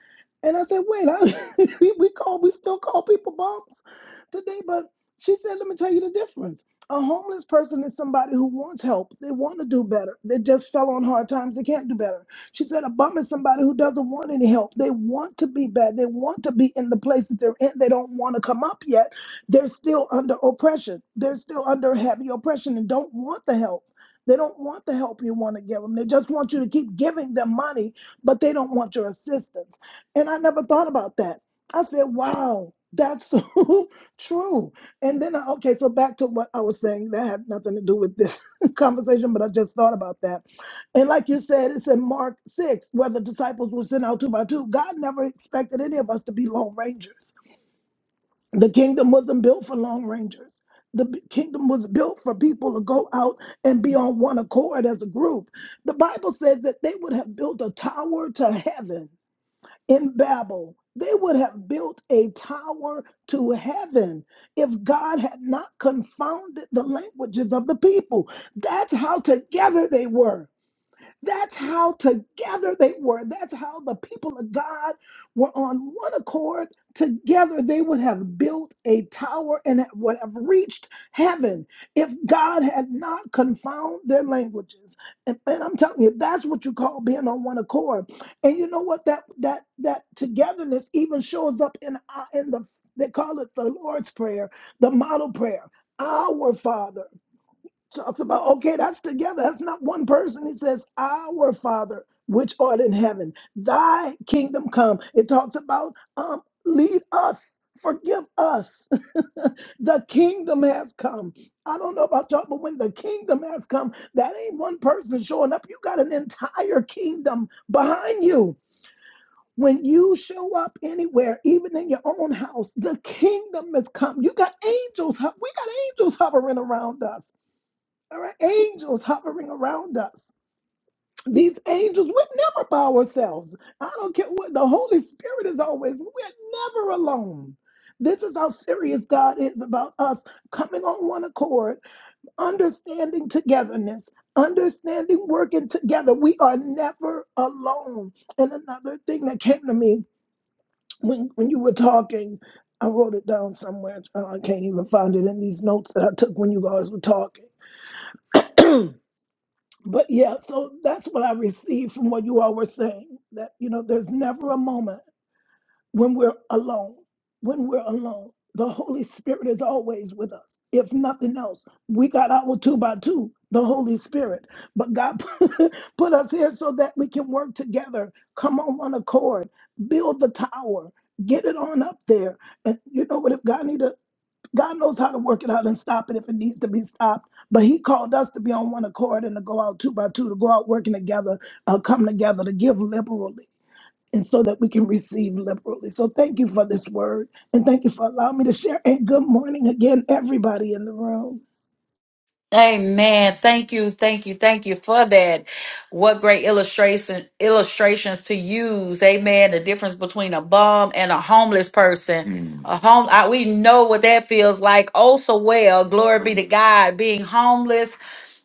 E: And I said, wait, I, we we call we still call people bums today, but she said, let me tell you the difference. A homeless person is somebody who wants help. They want to do better. They just fell on hard times. They can't do better. She said, a bum is somebody who doesn't want any help. They want to be bad. They want to be in the place that they're in. They don't want to come up yet. They're still under oppression. They're still under heavy oppression and don't want the help. They don't want the help you want to give them. They just want you to keep giving them money, but they don't want your assistance. And I never thought about that. I said, wow, that's so true. And then, I, okay, so back to what I was saying. That had nothing to do with this conversation, but I just thought about that. And like you said, it's in Mark 6, where the disciples were sent out two by two. God never expected any of us to be lone rangers. The kingdom wasn't built for Lone Rangers. The b- kingdom was built for people to go out and be on one accord as a group. The Bible says that they would have built a tower to heaven in Babel. They would have built a tower to heaven if God had not confounded the languages of the people. That's how together they were. That's how together they were. That's how the people of God were on one accord. Together they would have built a tower and it would have reached heaven if God had not confound their languages. And, and I'm telling you, that's what you call being on one accord. And you know what? That that that togetherness even shows up in our- in the they call it the Lord's prayer, the model prayer. Our Father talks about okay that's together that's not one person it says our father which art in heaven thy kingdom come it talks about um lead us forgive us the kingdom has come i don't know about y'all but when the kingdom has come that ain't one person showing up you got an entire kingdom behind you when you show up anywhere, even in your own house, the kingdom has come. You got angels. hu- We got angels hovering around us. There are angels hovering around us. These angels, we're never by ourselves. I don't care what the Holy Spirit is always, we're never alone. This is how serious God is about us coming on one accord, understanding togetherness, understanding working together. We are never alone. And another thing that came to me when, when you were talking, I wrote it down somewhere. Uh, I can't even find it in these notes that I took when you guys were talking But yeah, so that's what I received from what you all were saying that, you know, there's never a moment when we're alone. When we're alone, the Holy Spirit is always with us. If nothing else, we got our two by two, the Holy Spirit. But God put us here so that we can work together, come on one accord, build the tower. Get it on up there, and you know what? If God needed God knows how to work it out and stop it if it needs to be stopped. But He called us to be on one accord and to go out two by two, to go out working together, uh, come together, to give liberally, and so that we can receive liberally. So thank you for this word, and thank you for allowing me to share. And good morning again, everybody in the room.
A: Amen. Thank you, thank you, thank you for that. What great illustration illustrations to use. Amen. The difference between a bum and a homeless person. Mm. A home I, we know what that feels like. Oh so well. Glory be to God. Being homeless,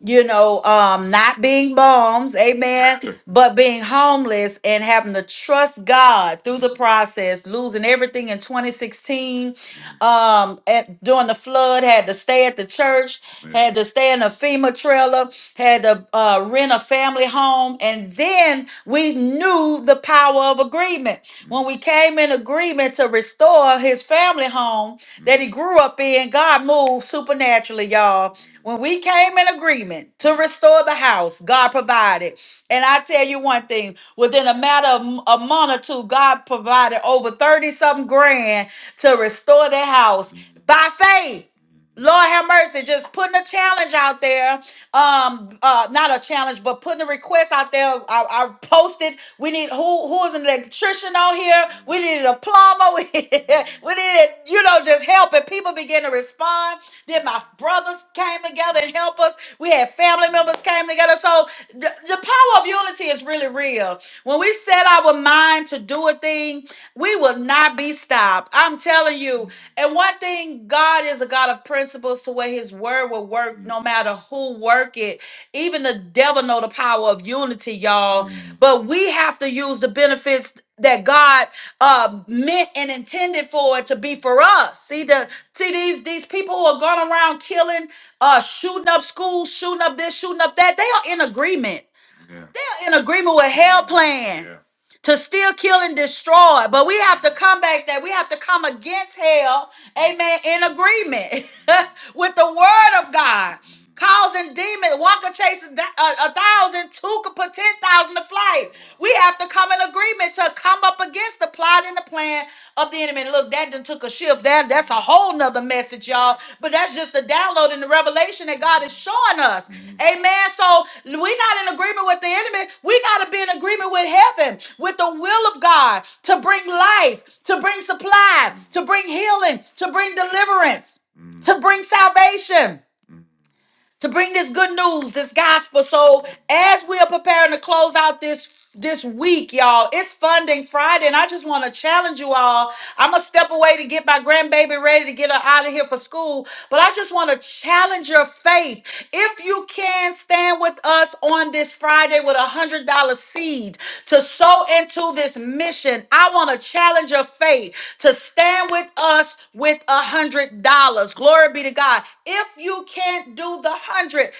A: you know, um, not being bums, amen, but being homeless and having to trust God through the process, losing everything in 2016 um at, during the flood had to stay at the church had to stay in a fema trailer had to uh, rent a family home and then we knew the power of agreement when we came in agreement to restore his family home that he grew grew up in, God moved supernaturally, y'all. When we came in agreement to restore the house, God provided. And I tell you one thing, within a matter of m- a month or two, God provided over 30 something grand to restore that house by faith. Lord have mercy, just putting a challenge out there. Um, uh, not a challenge, but putting a request out there. I, I posted. We need who who is an electrician on here. We needed a plumber. We, we needed, you know, just help. And people began to respond. Then my brothers came together together and help us. We had family members came together. So the, the power of unity is really real. When we set our mind to do a thing, we will not be stopped. I'm telling you. And one thing, God is a God of principles to where his word will work no matter who work it. Even the devil know the power of unity, y'all. Mm. But we have to use the benefits that God uh, meant and intended for it to be for us. See the see these these people who are going around killing, uh, shooting up schools, shooting up this, shooting up that. They are in agreement. Yeah. They're in agreement with hell plan. Yeah to still kill and destroy. But we have to come back that we have to come against hell, amen, in agreement with the word of God. Causing demons, one could chase a, a- a thousand, two could put ten thousand to flight. We have to come in agreement to come up against the plot and the plan of the enemy wait a minute, look, that done took a shift. That that's a whole nother message, y'all. But that's just the download and the revelation that God is showing us. Amen. So we're not in agreement with the enemy. We gotta be in agreement with heaven, with the will of God to bring life, to bring supply, to bring healing, to bring deliverance, to bring salvation to bring this good news, this gospel. So as we are preparing to close out this this week, y'all, it's funding Friday, and I just want to challenge you all. I'm gonna step away to get my grandbaby ready to get her out of here for school, but I just want to challenge your faith. If you can stand with us on this Friday with $100, $100 seed to sow into this mission. I want to challenge your faith to stand with us with a $100. Glory be to God. If you can't do the 100,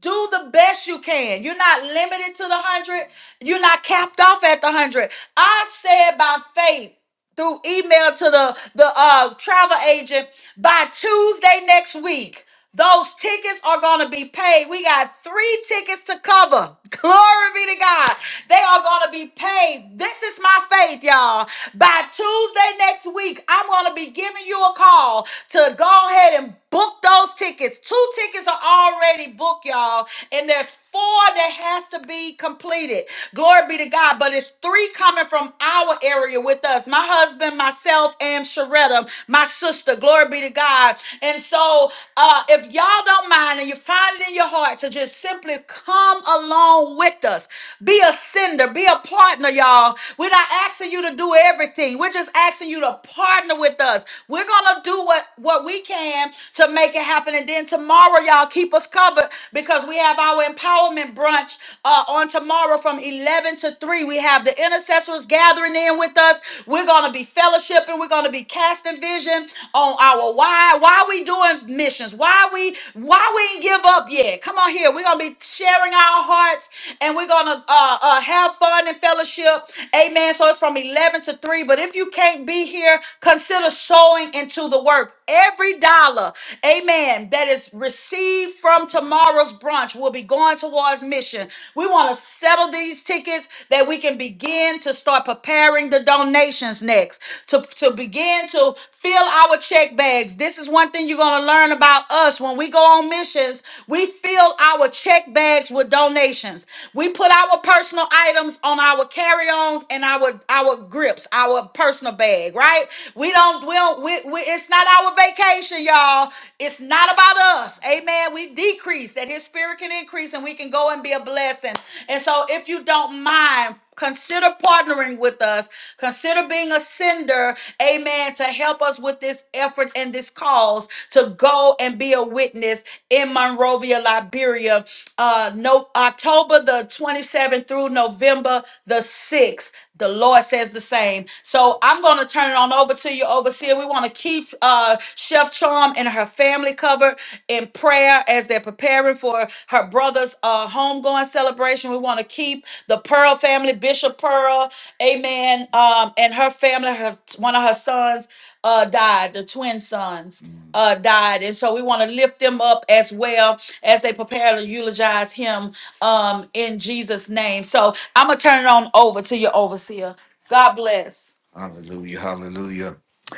A: do the best you can. You're not limited to the 100. You're not capped off at the 100. I said by faith through email to the the uh, travel agent by Tuesday next week. Those tickets are going to be paid. We got three tickets to cover. Glory be to God. They are going to be paid. This is my faith, y'all. By Tuesday next week, I'm going to be giving you a call to go ahead and Book those tickets. Two tickets are already booked, y'all, and there's four that has to be completed. Glory be to God. But it's three coming from our area with us. My husband, myself, and Sharetta, my sister. Glory be to God. And so, uh, if y'all don't mind, and you find it in your heart to just simply come along with us, be a sender, be a partner, y'all. We're not asking you to do everything. We're just asking you to partner with us. We're gonna do what what what we can to make it happen. And then tomorrow, y'all keep us covered because we have our empowerment brunch uh, on tomorrow from 11 to 3. We have the intercessors gathering in with us. We're going to be fellowshipping. We're going to be casting vision on our why. Why are we doing missions? Why we why we ain't give up yet? Come on here. We're going to be sharing our hearts and we're going to uh, uh, have fun and fellowship. Amen. So it's from 11 to 3. But if you can't be here, consider sowing into the work. Every dollar, amen, that is received from tomorrow's brunch will be going towards mission. We want to settle these tickets that we can begin to start preparing the donations next, to, to begin to fill our check bags. This is one thing you're going to learn about us. When we go on missions, we fill our check bags with donations. We put our personal items on our carry-ons and our, our grips, our personal bag, right? We don't don't, we don't, we, we, it's not our vacation, y'all. It's not about us. Amen. We decrease that his spirit can increase and we can go and be a blessing. And so if you don't mind, consider partnering with us. Consider being a sender, amen, to help us with this effort and this cause to go and be a witness in Monrovia, Liberia. Uh, no, October the 27th through November the 6th. The Lord says the same. So I'm going to turn turn it on over to you, overseer. We want to keep uh, Chef Charm and her family covered in prayer as they're preparing for her brother's uh, homegoing celebration. We want to keep the Pearl family, Bishop Pearl, amen, um, and her family, her one of her sons uh, died, the twin sons uh, died. And so we want to lift them up as well as they prepare to eulogize him um, in Jesus' name. So I'm going to turn it on over to your overseer. God bless. Hallelujah. Hallelujah.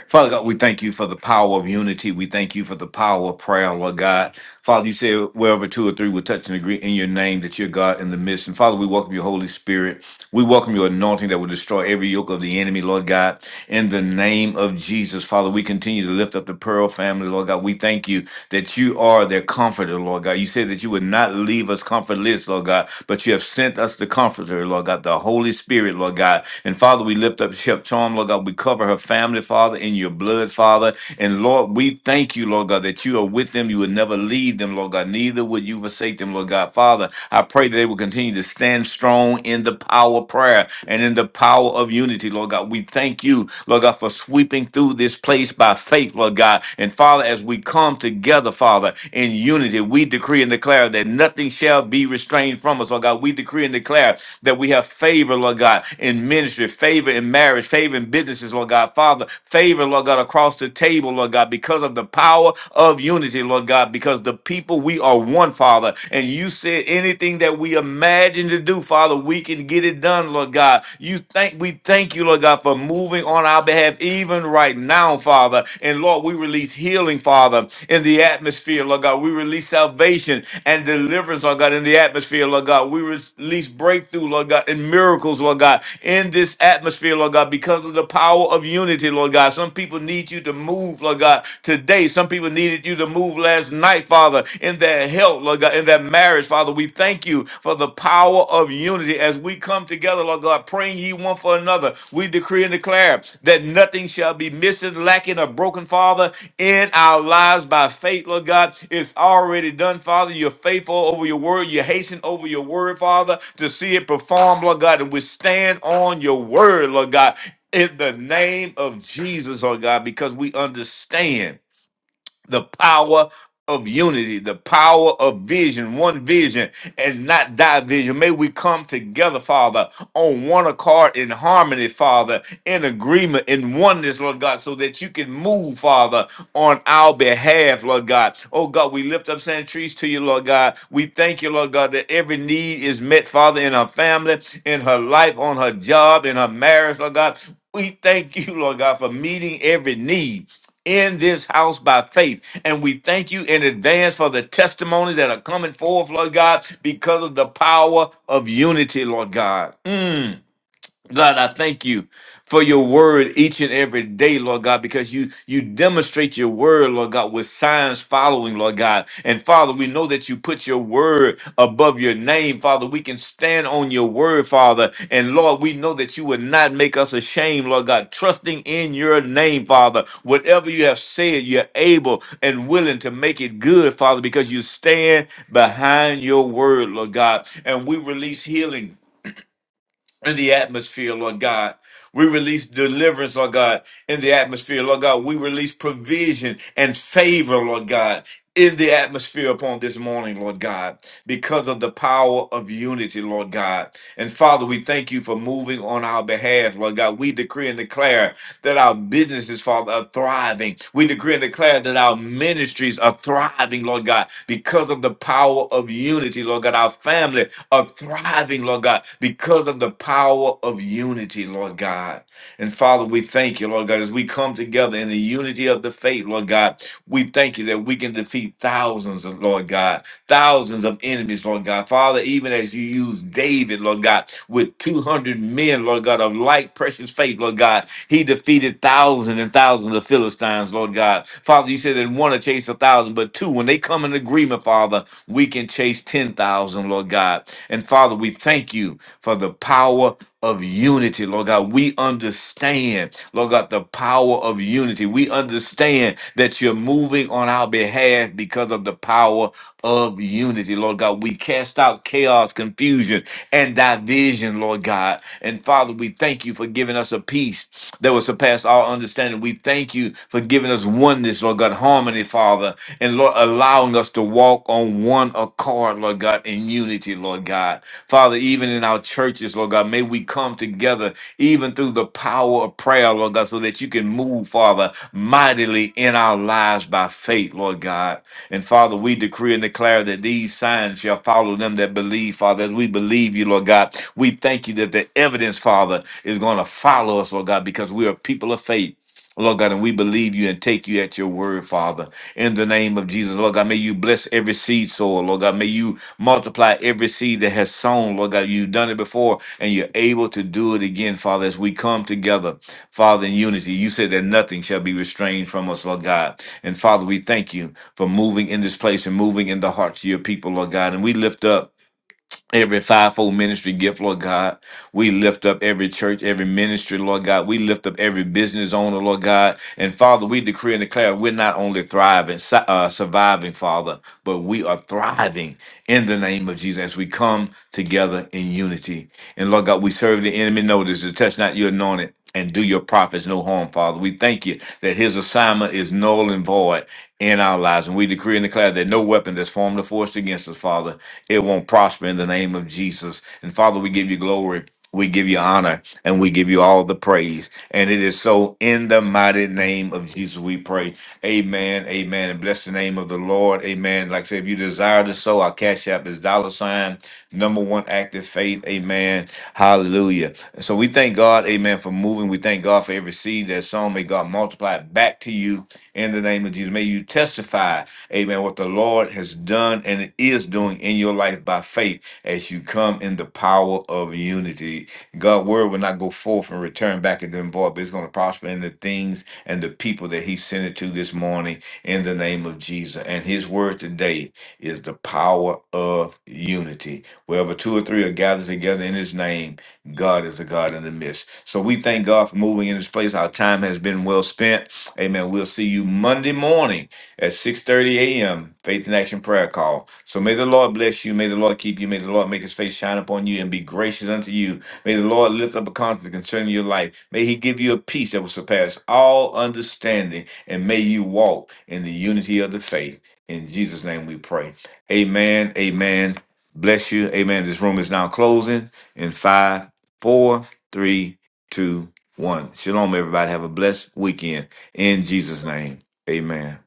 A: Father God, we thank you for the power of unity. We thank you for the power of prayer, Lord God. Father, you say wherever two or three will touch and agree in your name that you're God in the midst. And Father, we welcome your Holy Spirit. We welcome your anointing that will destroy every yoke of the enemy, Lord God. In the name of Jesus, Father, we continue to lift up the Pearl family, Lord God. We thank you that you are their comforter, Lord God. You said that you would not leave us comfortless, Lord God, but you have sent us the comforter comforter, Lord God, the Holy Spirit, Lord God. And Father, we lift up Chef Charm, Lord God. We cover her family, Father, in your blood, Father. And Lord, we thank you, Lord God, that you are with them. You would never leave them, Lord God. Neither would you forsake them, Lord God. Father, I pray that they will continue to stand strong in the power of prayer and in the power of unity, Lord God. We thank you, Lord God, for sweeping through this place by faith, Lord God. And Father, as we come together, Father, Father, in unity. We decree and declare that nothing shall be restrained from us, Lord God. We decree and declare that we have favor, Lord God, in ministry, favor in marriage, favor in businesses, Lord God. Father, favor, Lord God, across the table, Lord God, because of the power of unity, Lord God, because the people, we are one, Father. And you said anything that we imagine to do, Father, we can get it done, Lord God. You thank we thank you, Lord God, for moving moving on our behalf even right now, Father. And Lord, we release healing, Father, in the atmosphere, Lord God. We release salvation and deliverance, Lord God, in the atmosphere, Lord God. We release breakthrough, Lord God, and miracles, Lord God, in this atmosphere, Lord God, because of the power of unity, Lord God. Some people need you to move, Lord God, today. Some people needed you to move last night, Father, in their health, Lord God, in their marriage, Father. We thank you you for the power of unity as we come together, Lord God, praying ye one for another. We decree and declare that nothing shall be missing, lacking, or broken, Father, in our lives by faith, Lord God. It's already done, Father. You're faithful over your word. You hasten over your word, Father, to see it performed, Lord God. And we stand on your word, Lord God in the name of Jesus, Lord God, because we understand the power of unity, the power of vision, one vision and not division. May we come together, Father, on one accord in harmony, Father, in agreement, in oneness, Lord God, so that you can move, Father, on our behalf, Lord God. Oh God, we lift up Sand Trees to you, Lord God. We thank you, Lord God, that every need is met, Father, in her family, in her life, on her job, in her marriage, Lord God. We thank you, Lord God, for meeting every need in this house by faith. And we thank you in advance for the testimonies that are coming forth, Lord God, because of the power of unity, Lord God. Mm. God, I thank you for your word each and every day, Lord God, because you you demonstrate your word, Lord God, with signs following, Lord God. And Father, we know that you put your word above your name, Father. We can stand on your word, Father. And Lord, we know that you would not make us ashamed, Lord God, trusting in your name, Father. Whatever you have said, you're able and willing to make it good, Father, because you stand behind your word, Lord God. And we release healing in the atmosphere, Lord God. We release deliverance, Lord God, in the atmosphere, Lord God. We release provision and favor, Lord God. In the atmosphere upon this morning, Lord God, because of the power of unity, Lord God. And Father, we thank you for moving on our behalf, Lord God. We decree and declare that our businesses, Father, are thriving. We decree and declare that our ministries are thriving, Lord God, because of the power of unity, Lord God. Our family are thriving, Lord God, because of the power of unity, Lord God. And Father, we thank you, Lord God, as we come together in the unity of the faith, Lord God. We thank you that we can defeat thousands, Lord God thousands of enemies, Lord God. Father, even as you used David, Lord God, with 200 men, Lord God, of like precious faith, Lord God, he defeated thousands and thousands of Philistines, Lord God. Father, you said that one to chase a thousand, but two, when they come in agreement, Father, we can chase 10,000, Lord God. And Father, we thank you for the power of unity, Lord God. We understand, Lord God, the power of unity. We understand that you're moving on our behalf because of the power of unity, Lord God. We cast out chaos, confusion, and division, Lord God. And Father, we thank you for giving us a peace that will surpass all understanding. We thank you for giving us oneness, Lord God, harmony, Father, and Lord, allowing us to walk walk on one accord, Lord God, in unity, Lord God. Father, even in our churches, Lord God, may we come together even through the power of prayer, Lord God, so that you can move, Father, mightily in our lives by faith, Lord God. And Father, we decree and declare that these signs shall follow them that believe, Father. As we believe you, Lord God, we thank you that the evidence, Father, is going to follow us, Lord God, because we are people of faith. Lord God, and we believe you and take you at your word, Father. In the name of Jesus, Lord God, may you bless every seed sower, Lord God. May you multiply every seed that has sown, Lord God. You've done it before and you're able to do it again, Father, as we come together, Father, in unity. You said that nothing shall be restrained from us, Lord God. And Father, we thank you for moving in this place and moving in the hearts of your people, Lord God. And we lift up. Every fivefold ministry gift, Lord God. We lift up every church, every ministry, Lord God. We lift up every business owner, Lord God. And Father, we decree and declare we're not only thriving, su- uh, surviving, Father, but we are thriving in the name of Jesus as we come together in unity. And Lord God, we serve the enemy notice to touch not your anointed and do your prophets no harm, Father. We thank you that his assignment is null and void in our lives. And we decree and declare that no weapon that's formed or forced against us, Father, it won't prosper in the name of Jesus. And Father, we give you glory. We give you honor and we give you all the praise. And it is so in the mighty name of Jesus we pray. Amen. Amen. And bless the name of the Lord. Amen. Like I said, if you desire to sow, our cash app is dollar sign Number one, active faith. Amen. Hallelujah. And so we thank God, amen, for moving. We thank God for every seed that's sown. May God multiply it back to you in the name of Jesus. May you testify, amen, what the Lord has done and is doing in your life by faith as you come in the power of unity. God's word will not go forth and return back into the void, but it's going to prosper in the things and the people that He sent it to this morning in the name of Jesus. And His word today is the power of unity. Wherever two or three are gathered together in his name, God is a God in the midst. So we thank God for moving in this place. Our time has been well spent. Amen. We'll see you Monday morning at 6:30 a.m. Faith in Action Prayer Call. So may the Lord bless you. May the Lord keep you. May the Lord make his face shine upon you and be gracious unto you. May the Lord lift up a countenance concerning your life. May he give you a peace that will surpass all understanding. And may you walk in the unity of the faith. In Jesus' name we pray. Amen. Amen Bless you. Amen. This room is now closing in five, four, three, two, one. Shalom, everybody. Have a blessed weekend in Jesus' name. Amen.